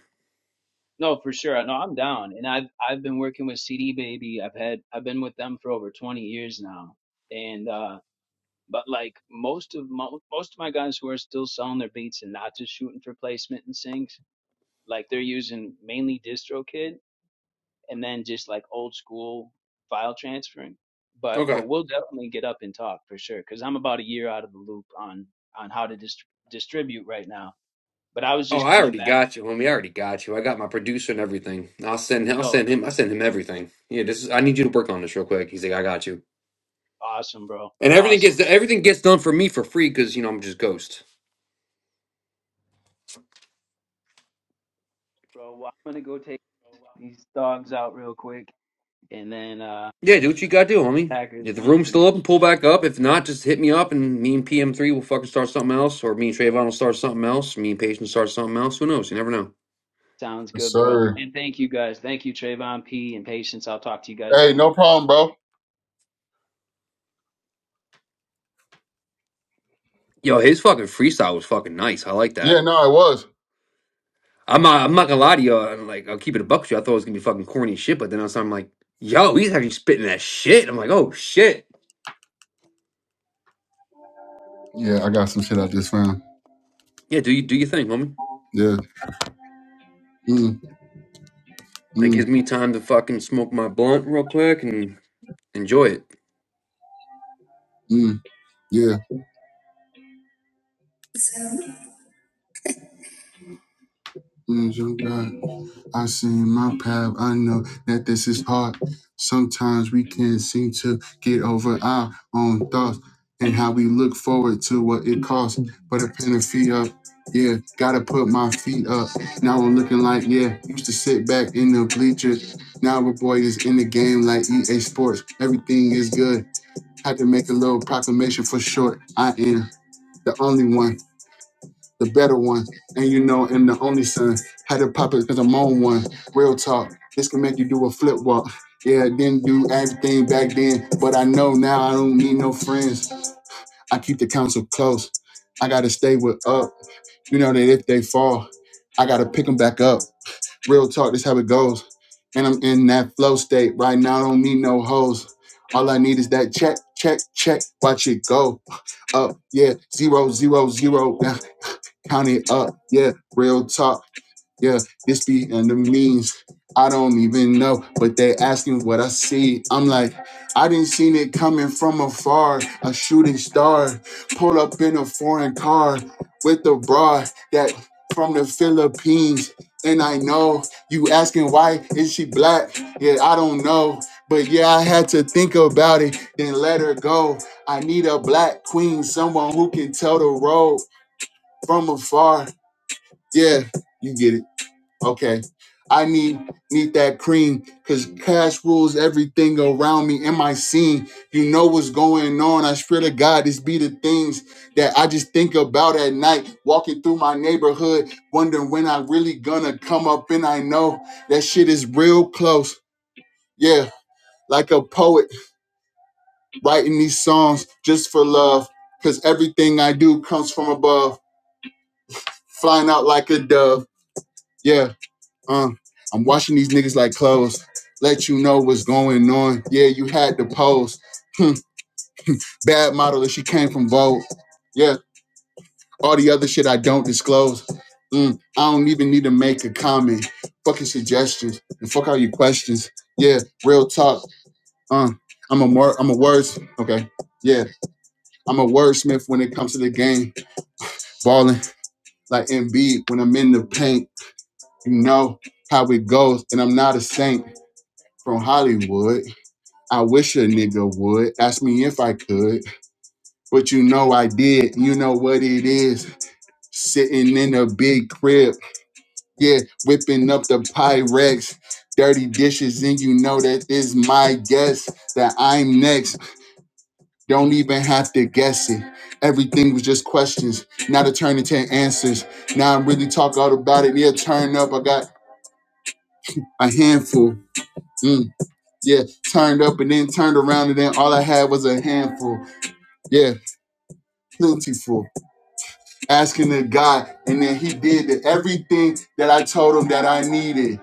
No, for sure. No, I'm down. And I've I've been working with CD Baby. I've had I've been with them for over 20 years now. And uh but like most of mo most of my guys who are still selling their beats and not just shooting for placement and syncs, like they're using mainly DistroKid and then just like old school file transferring. But
Okay.
but we'll definitely get up and talk for sure because I'm about a year out of the loop on on how to dist distribute right now. But I was
Oh,
just
I
coming
already
back.
got you, homie. I already got you. I got my producer and everything. I'll send. I'll
No,
send him. I send him everything. Yeah, this is. I need you to work on this real quick. He's like, I got you.
awesome, bro.
And everything
Awesome
gets everything gets done for me for free because you know I'm just ghost.
bro. Well, I'm gonna go take these dogs out real quick, and then uh
Yeah, do what you got to do, homie.
Packers
If the room's
win.
still open,
And
pull back up. If not, just hit me up and me and PM3 will fucking start something else, or me and Trayvon will start something else. Me and Patience start something else. Who knows? You never know.
sounds
Yes,
good, bro.
sir.
And thank you guys. Thank you, Trayvon P. and Patience. I'll talk to you guys
Hey,
soon.
no problem, bro.
Yo, his fucking freestyle was fucking nice. I like that.
Yeah, no, it was.
I'm not, I'm not gonna lie to you. all I'm like, I'll keep it a buck with you. I thought it was gonna be fucking corny as shit, but then I was, I'm like, yo, he's actually spitting that shit. I'm like, oh shit.
Yeah, I got some shit I just found.
Yeah, do you do your thing, homie.
Yeah. Mm,
That gives
mm,
me time to fucking smoke my blunt real quick and enjoy it.
mm. Yeah. Mm, I seen my path. I know that this is hard. Sometimes we can't seem to get over our own thoughts and how we look forward to what it costs. But a pen and feet up. Yeah, gotta put my feet up. Now I'm looking like, yeah, used to sit back in the bleachers. Now a boy is in the game like EA Sports. Everything is good. Had to make a little proclamation for short. I am the only one the better one. And you know, and the only son had to pop it because I'm on one. Real talk. This can make you do a flip walk. Yeah, didn't do everything back then, but I know now I don't need no friends. I keep the council close. I gotta stay with up. You know that if they fall, I gotta pick them back up. Real talk, this how it goes. And I'm in that flow state right now. I don't need no hoes. All I need is that check, check, check. Watch it go up. Yeah, zero, zero, zero. Count it up, yeah, real talk, yeah, this be and the means. I don't even know, but they asking what I see. I'm like, I didn't seen it coming from afar. A shooting star pull up in a foreign car with a broad that from the Philippines. And I know you asking why is she black? Yeah, I don't know. But yeah, I had to think about it, then let her go. I need a black queen, someone who can tell the road from afar. Yeah, you get it. Okay. I need need that cream because cash rules everything around me in my scene. You know what's going on. I swear to God, this be the things that I just think about at night, walking through my neighborhood, wondering when I really gonna come up. And I know that shit is real close. Yeah, like a poet writing these songs just for love. Cause everything I do comes from above, flying out like a dove. Yeah. Uh, I'm washing these niggas like clothes. Let you know what's going on. Yeah, you had the pose. Hmm, bad model if she came from Vogue. Yeah, all the other shit I don't disclose. Mm, I don't even need to make a comment. Fucking suggestions and fuck all your questions. Yeah, real talk. Uh, I'm a more I'm a words. Okay. Yeah, I'm a wordsmith when it comes to the game. Balling like Embiid when I'm in the paint. You know how it goes, and I'm not a saint from Hollywood. I wish a nigga would ask me if I could, but you know I did. You know what it is. Sitting in a big crib, yeah, whipping up the Pyrex, dirty dishes, and you know that is my guess that I'm next. Don't even have to guess it. Everything was just questions, now to turn into answers. Now I'm really talk all about it. Yeah, turn up. I got a handful. Mm, yeah, turned up and then turned around and then all I had was a handful. Yeah, plentiful. asking the guy, and then he did the- everything that I told him that I needed.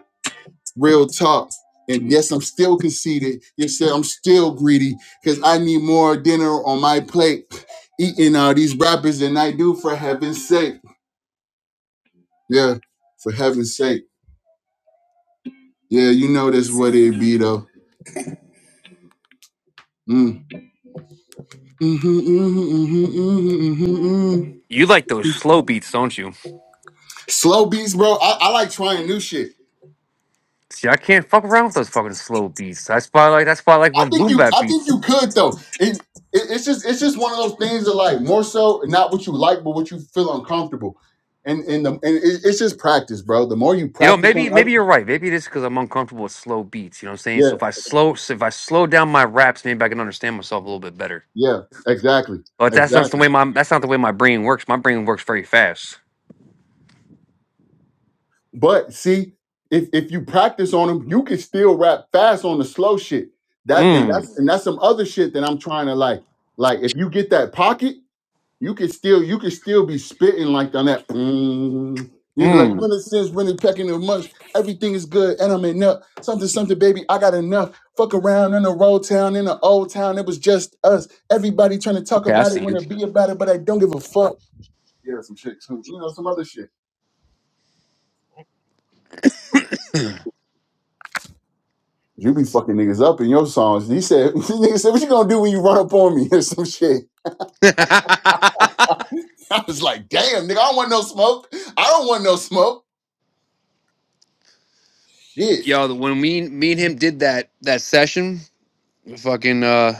Real talk. And yes, I'm still conceited. Yes, I'm still greedy because I need more dinner on my plate eating all these rappers than I do for heaven's sake. Yeah, for heaven's sake. Yeah, you know that's what it be though. Mm. hmm hmm hmm hmm hmm hmm
You like those slow beats, don't you?
Slow beats, bro. I, I like trying new shit.
See, I can't fuck around with those fucking slow beats. That's why I like that's why I like
I
my
think
boom
you.
bap
I think
beats.
you could though. It, it, it's just. It's just one of those things that like more so not what you like, but what you feel uncomfortable. And and the and it, it's just practice, bro. The more you
You know,
practice
maybe
on
maybe you're
other,
right. Maybe it is because I'm uncomfortable with slow beats. You know what I'm saying? So
yeah,
if I slow so if I slow down my raps, maybe I can understand myself a little bit better.
yeah, exactly,
But that's not the
exactly.
way my that's not the way my brain works. My brain works very fast.
But see, if if you practice on them, you can still rap fast on the slow shit. That and
Mm.
that's and that's some other shit that I'm trying to like. Like if you get that pocket. you could still you could still be spitting like on that. like, mm. You be like,
Mm.
when it since when it pecking a month, everything is good, and I'm enough. Something, something, baby, I got enough. Fuck around in the road town, in the old town. It was just us. Everybody trying to talk
Okay, I
about it,
see
want
you.
to be about it, but I don't give a fuck. Yeah, some shit, some, you know, some other shit. You be fucking niggas up in your songs. He said, nigga said, what you gonna do when you run up on me or some shit? I was like, damn, nigga, I don't want no smoke. I don't want no smoke. Shit.
Yo, the- when me me and him did that that session, fucking uh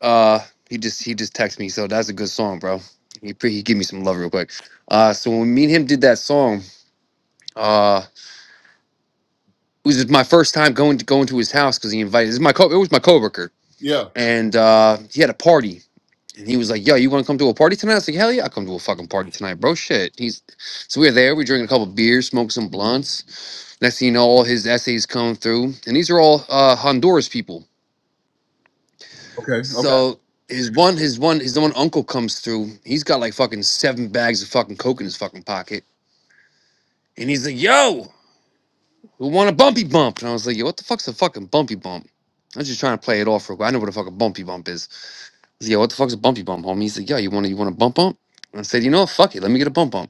uh he just he just texted me, so that's a good song, bro. He pre- he gave me some love real quick. Uh so when me and him did that song, uh it was my first time going to going to his house because he invited this is my co it was my coworker.
Yeah.
And uh he had a party And he was like, "Yo, you want to come to a party tonight?" I was like, "Hell yeah, I will come to a fucking party tonight, bro." Shit. He's so we were there. We drinking a couple beers, smoked some blunts. Next thing you know, all his essays come through, and these are all uh, Honduras people.
Okay. Okay.
So his one, his one, his one uncle comes through. He's got like fucking seven bags of fucking coke in his fucking pocket, and he's like, "Yo, we want a bumpy bump?" And I was like, "Yo, what the fuck's a fucking bumpy bump?" I was just trying to play it off real quick. I know what the fuck a bumpy bump is. I was like, "Yo, what the fuck's a bumpy bump, homie?" He's like, "Yo, you want to, you want a bump bump?" And I said, "You know what? Fuck it. Let me get a bump bump."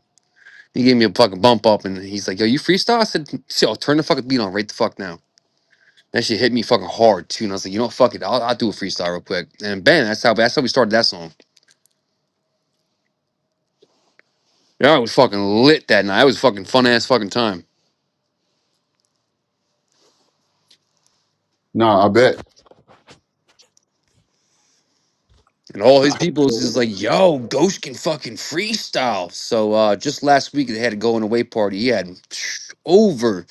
He gave me a fucking bump up, and he's like, "Yo, you freestyle?" I said, "See, I'll turn the fucking beat on right the fuck now." That shit hit me fucking hard too, and I was like, "You know, fuck it, I'll, I'll do a freestyle real quick." And bam, that's how that's how we started that song. Yeah, I was fucking lit that night. It was fucking fun ass fucking time.
Nah, I bet.
And all his people was
60
just like, "Yo, Ghost can fucking freestyle." So uh just last week they had a going away party. He had over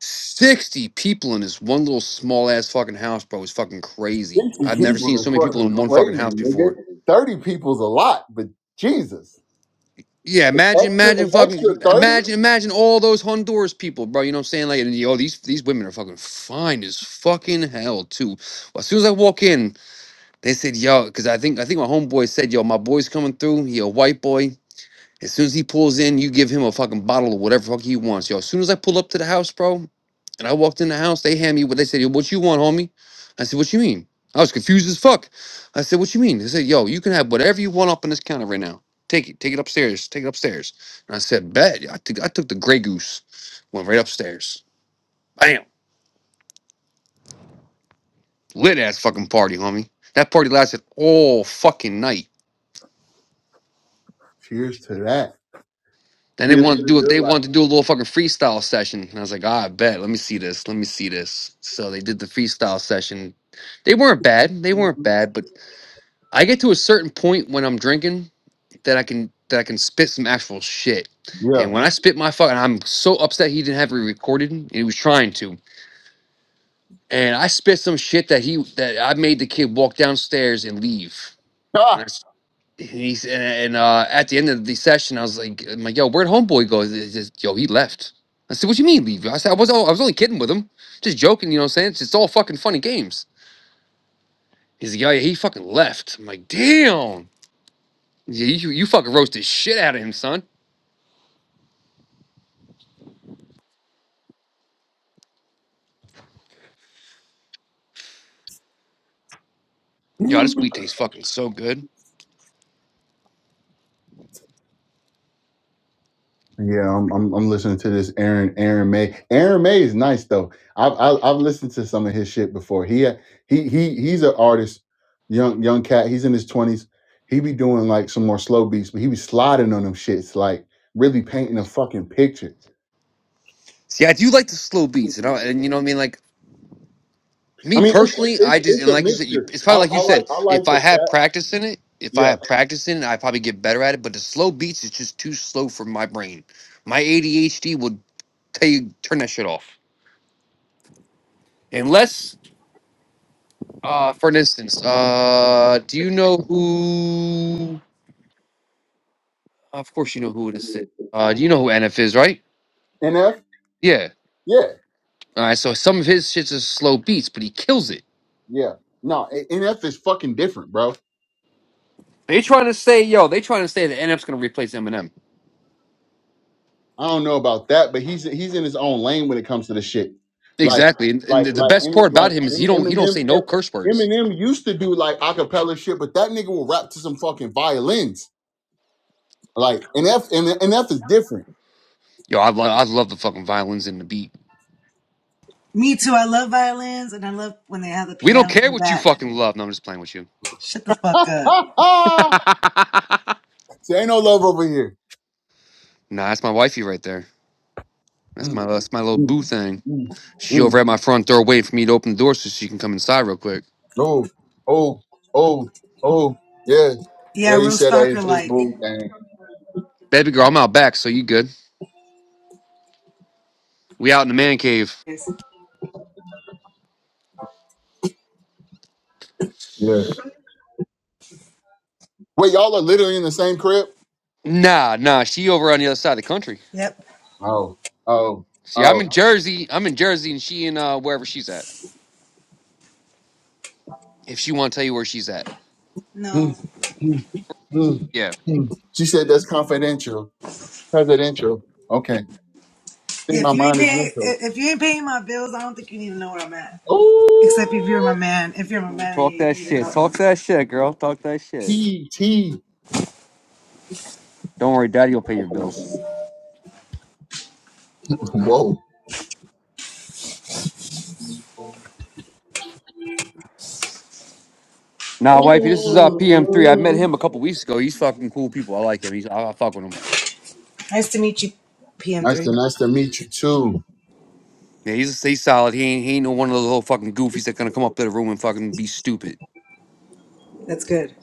sixty people in this one little small ass fucking house, bro. It was fucking crazy. I've never seen
people is
so many people
fucking
in one fucking
crazy,
house
nigga.
before.
30 people's a lot, but Jesus.
Yeah, imagine,
Extra
imagine,
an extra
fucking,
30?
imagine, imagine all those Honduras people, bro. You know what I'm saying? Like, and yo, these these women are fucking fine as fucking hell too. Well, As soon as I walk in, they said, "Yo," because I think I think my homeboy said, "Yo, my boy's coming through. He a white boy. As soon as he pulls in, you give him a fucking bottle of whatever fuck he wants, yo." As soon as I pull up to the house, bro, and I walked in the house. They hand me what they said. "Yo, What you want, homie? I said, What you mean? I was confused as fuck. I said, What you mean? They said, Yo, you can have whatever you want up on this counter right now. Take it. Take it upstairs. Take it upstairs. And I said, Bet. yeah, I took I took the Grey Goose one verse. Bam. Lit homie. That passed it all fucking night.
Cheers to that.
Then it
Cheers to the
was ah, bet see Let me see this. And they weren't bad. They
good life.
weren't bad. But I get to a certain point when I'm drinking that I can that I can spit some actual shit. And
Yeah.
when I spit my fuck, and I'm so upset he didn't have it recorded. And he was trying to. And I spit some shit that he that I made the kid walk downstairs and leave. And I,
Ah.
s- and he's and, and, uh, at the end of the session, I was like, I'm like, yo, where'd homeboy go? He says, yo, he left. I said, what you mean leave? I said, I was I was only kidding with him, just joking. You know what I'm saying? It's, it's all fucking funny games. He's like, yeah, yeah, he fucking left. I'm like, damn. Yeah, you, you fucking roasted shit out of him, son. Yo, this weed
yeah,
tastes fucking so good.
I'm, I'm I'm listening to this Aaron Aaron May. Aaron May is nice though. I've I, I've listened to some of his shit before. He he he he's an artist, young young cat. He's in his twenties. He be doing like some more slow beats, but he be sliding on them shits, like really painting a fucking picture.
See, I do like the slow beats, and I, and you know what I mean. Like
I
me
mean, it's it's,
personally,
it's
I just
it's
and
a
like you said, you,
mixture.
it's
I,
probably
I
like you
like
said.
I
If
like the
I had
fact,
practice in it, if I
yeah.
had practice in it, I probably get better at it. But the slow beats is just too slow for my brain. My ADHD will tell you turn that shit off. Unless, uh, for instance, uh, do you know who? Of course, you know who it is. Uh, you know who NF is, right?
NF,
Yeah.
yeah,
All right. So some of his shits is slow beats, but he kills it.
yeah. No, A- NF is fucking different, bro.
They trying to say, yo, they trying to say that NF's gonna replace Eminem.
I don't know about that, but he's he's in his own lane when it comes to the shit. Like
Exactly, and, and
like
the
like
best part
M-
about
like
it, he
M-
don't hear
Eminem. M-
words.
Eminem used to do like acapella shit, but that nigga will rap to some fucking violins. Like NF, NF is different.
I love beat.
Me too. I love violins and I love when they have the
We don't
piano in
care
the
what you
back.
fucking love. No, I'm just playing with you.
Shut the fuck up.
so ain't no love over here.
Nah, that's my wifey right there. That's
Mm,
my that's my little
mm,
boo thing.
mm,
She
mm.
over at my front door waiting for me to open the door so she can come inside real quick.
Oh, oh, oh, oh. Yeah. Yeah,
Yeah,
you
real
said that
stalker
it's just
like.
bull thing.
Baby girl, I'm out back, so you good? We out in the man cave.
Yes.
Yeah. Wait, y'all are literally in the same crib?
Nah, nah, she over on the other side of the country.
Yep.
Oh, oh,
See, I'm
oh.
in Jersey. I'm in Jersey, and she in uh wherever she's at. If she want to tell you where she's at,
No.
Mm, mm, mm,
yeah.
mm. She said that's confidential. Presidential. Okay. I
Yeah,
think
if
my
you ain't
mind is
paying,
mental.
if you ain't paying my bills, I don't think you need to know where I'm at. Except if you're my
Oh,
man. If you're my man, you you need to know.
Hey, girl, talk that shit.
T, T.
Don't worry, Daddy will pay your bills.
Whoa.
Nah, wifey, this is uh PM3. I met him a couple weeks ago. He's fucking cool people. I like him. He's I, I fuck with him.
Nice to meet you,
Nice
PM3.
to nice to meet you too.
Yeah, he's he's solid. He ain't he ain't no one of those little fucking goofies that gonna come up to the room and fucking be stupid.
That's good.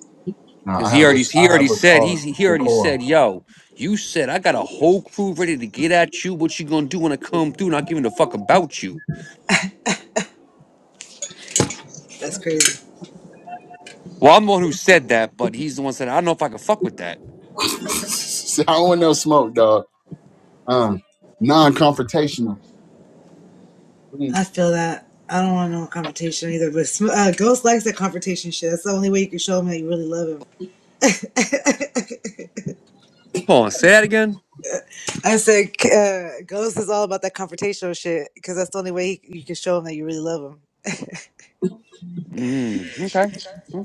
No,
Cause
I
he
have a
already he
I
already
have a
said
car
he's he already
decor.
said, yo, you said I got a whole crew ready to get at you. What you gonna do when I come through? Not giving a fuck about you.
That's crazy.
Well, I'm the one who said that, but he's the one said I don't know if I can fuck with that.
I don't want no smoke, dog. um, non-confrontational. Mm.
I feel that. I don't want no confrontation either. But Sm- uh, Ghost likes that confrontation shit. That's the only way you can show him that you really love him.
Hold on, say that again.
I said, uh, Ghost is all about that confrontational shit because that's the only way he, you can show him that you really love him.
Mm, okay,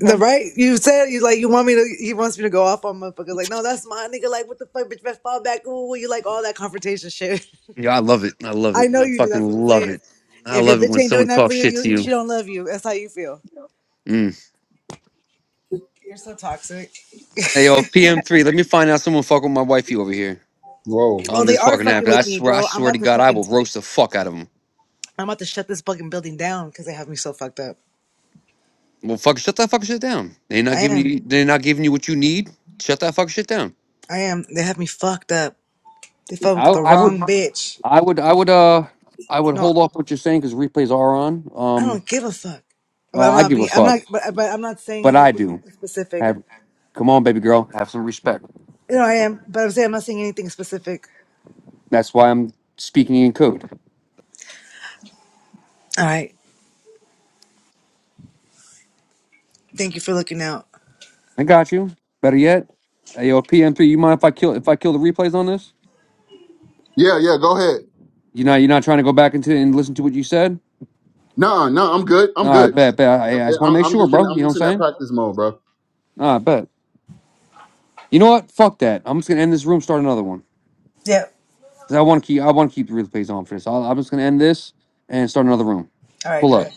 The right? You said you like you want me to. He wants me to go off on motherfuckers. Like, no, that's my nigga. Like, what the fuck, bitch? Best fall back. Ooh, you like all that confrontation shit.
Yeah, I love it. I love
I
it.
know
I
you do.
fucking
That's what I'm
love
saying.
it. I
If your
love it
bitch
when
ain't doing
someone
that for
talks
you,
shit to
you
you.
she don't love you. That's how you feel.
Mm.
You're so toxic.
Hey yo, PM3, let me find out someone fuck with my wifey over here
Whoa.
Oh,
on
they
this
are
fucking
fucking
app. I
with me,
swear, I
bro. I'm
swear to
about to
God, I
fucking.
will roast the fuck out of them.
I'm about to shut this fucking building down because they have me so fucked up.
Well, fuck, shut that fucking shit down. They're not
I
giving
am.
you, they're not giving you what you need. Shut that fucking shit down.
I am. They have me fucked up. They fuck
I,
with the
I would,
wrong bitch.
I would, I would, uh, I would
No,
hold off what you're saying because replays are on.
I
Um,
don't give a fuck. But
oh,
I'm
I
not
give a
being. I'm
fuck,
not. But, but I'm not saying
but I
anything
do.
specific.
Have, come on, baby girl, have some respect.
You know, I am, but I'm saying I'm not saying anything specific.
That's why I'm speaking in code.
All right. Thank you for looking out.
I got you. Better yet, hey yo, PM3, you mind if I kill if I kill the replays on this?
Yeah, yeah. Go ahead.
You're not you're not trying to go back into and listen to what you said?
No, no, I'm good. I'm
All right,
good.
bet, bet. I, I just want to
I,
make
am
sure,
just in.
bro. You
I'm
know what I'm
just in that
saying?
practice mode, bro.
All right, bet. You know what? Fuck that. I'm just gonna end this room, start another one.
Yep.
Cause I want to keep I want to keep the replays on for this. I'll room.
All right,
Pull
do
up.
it.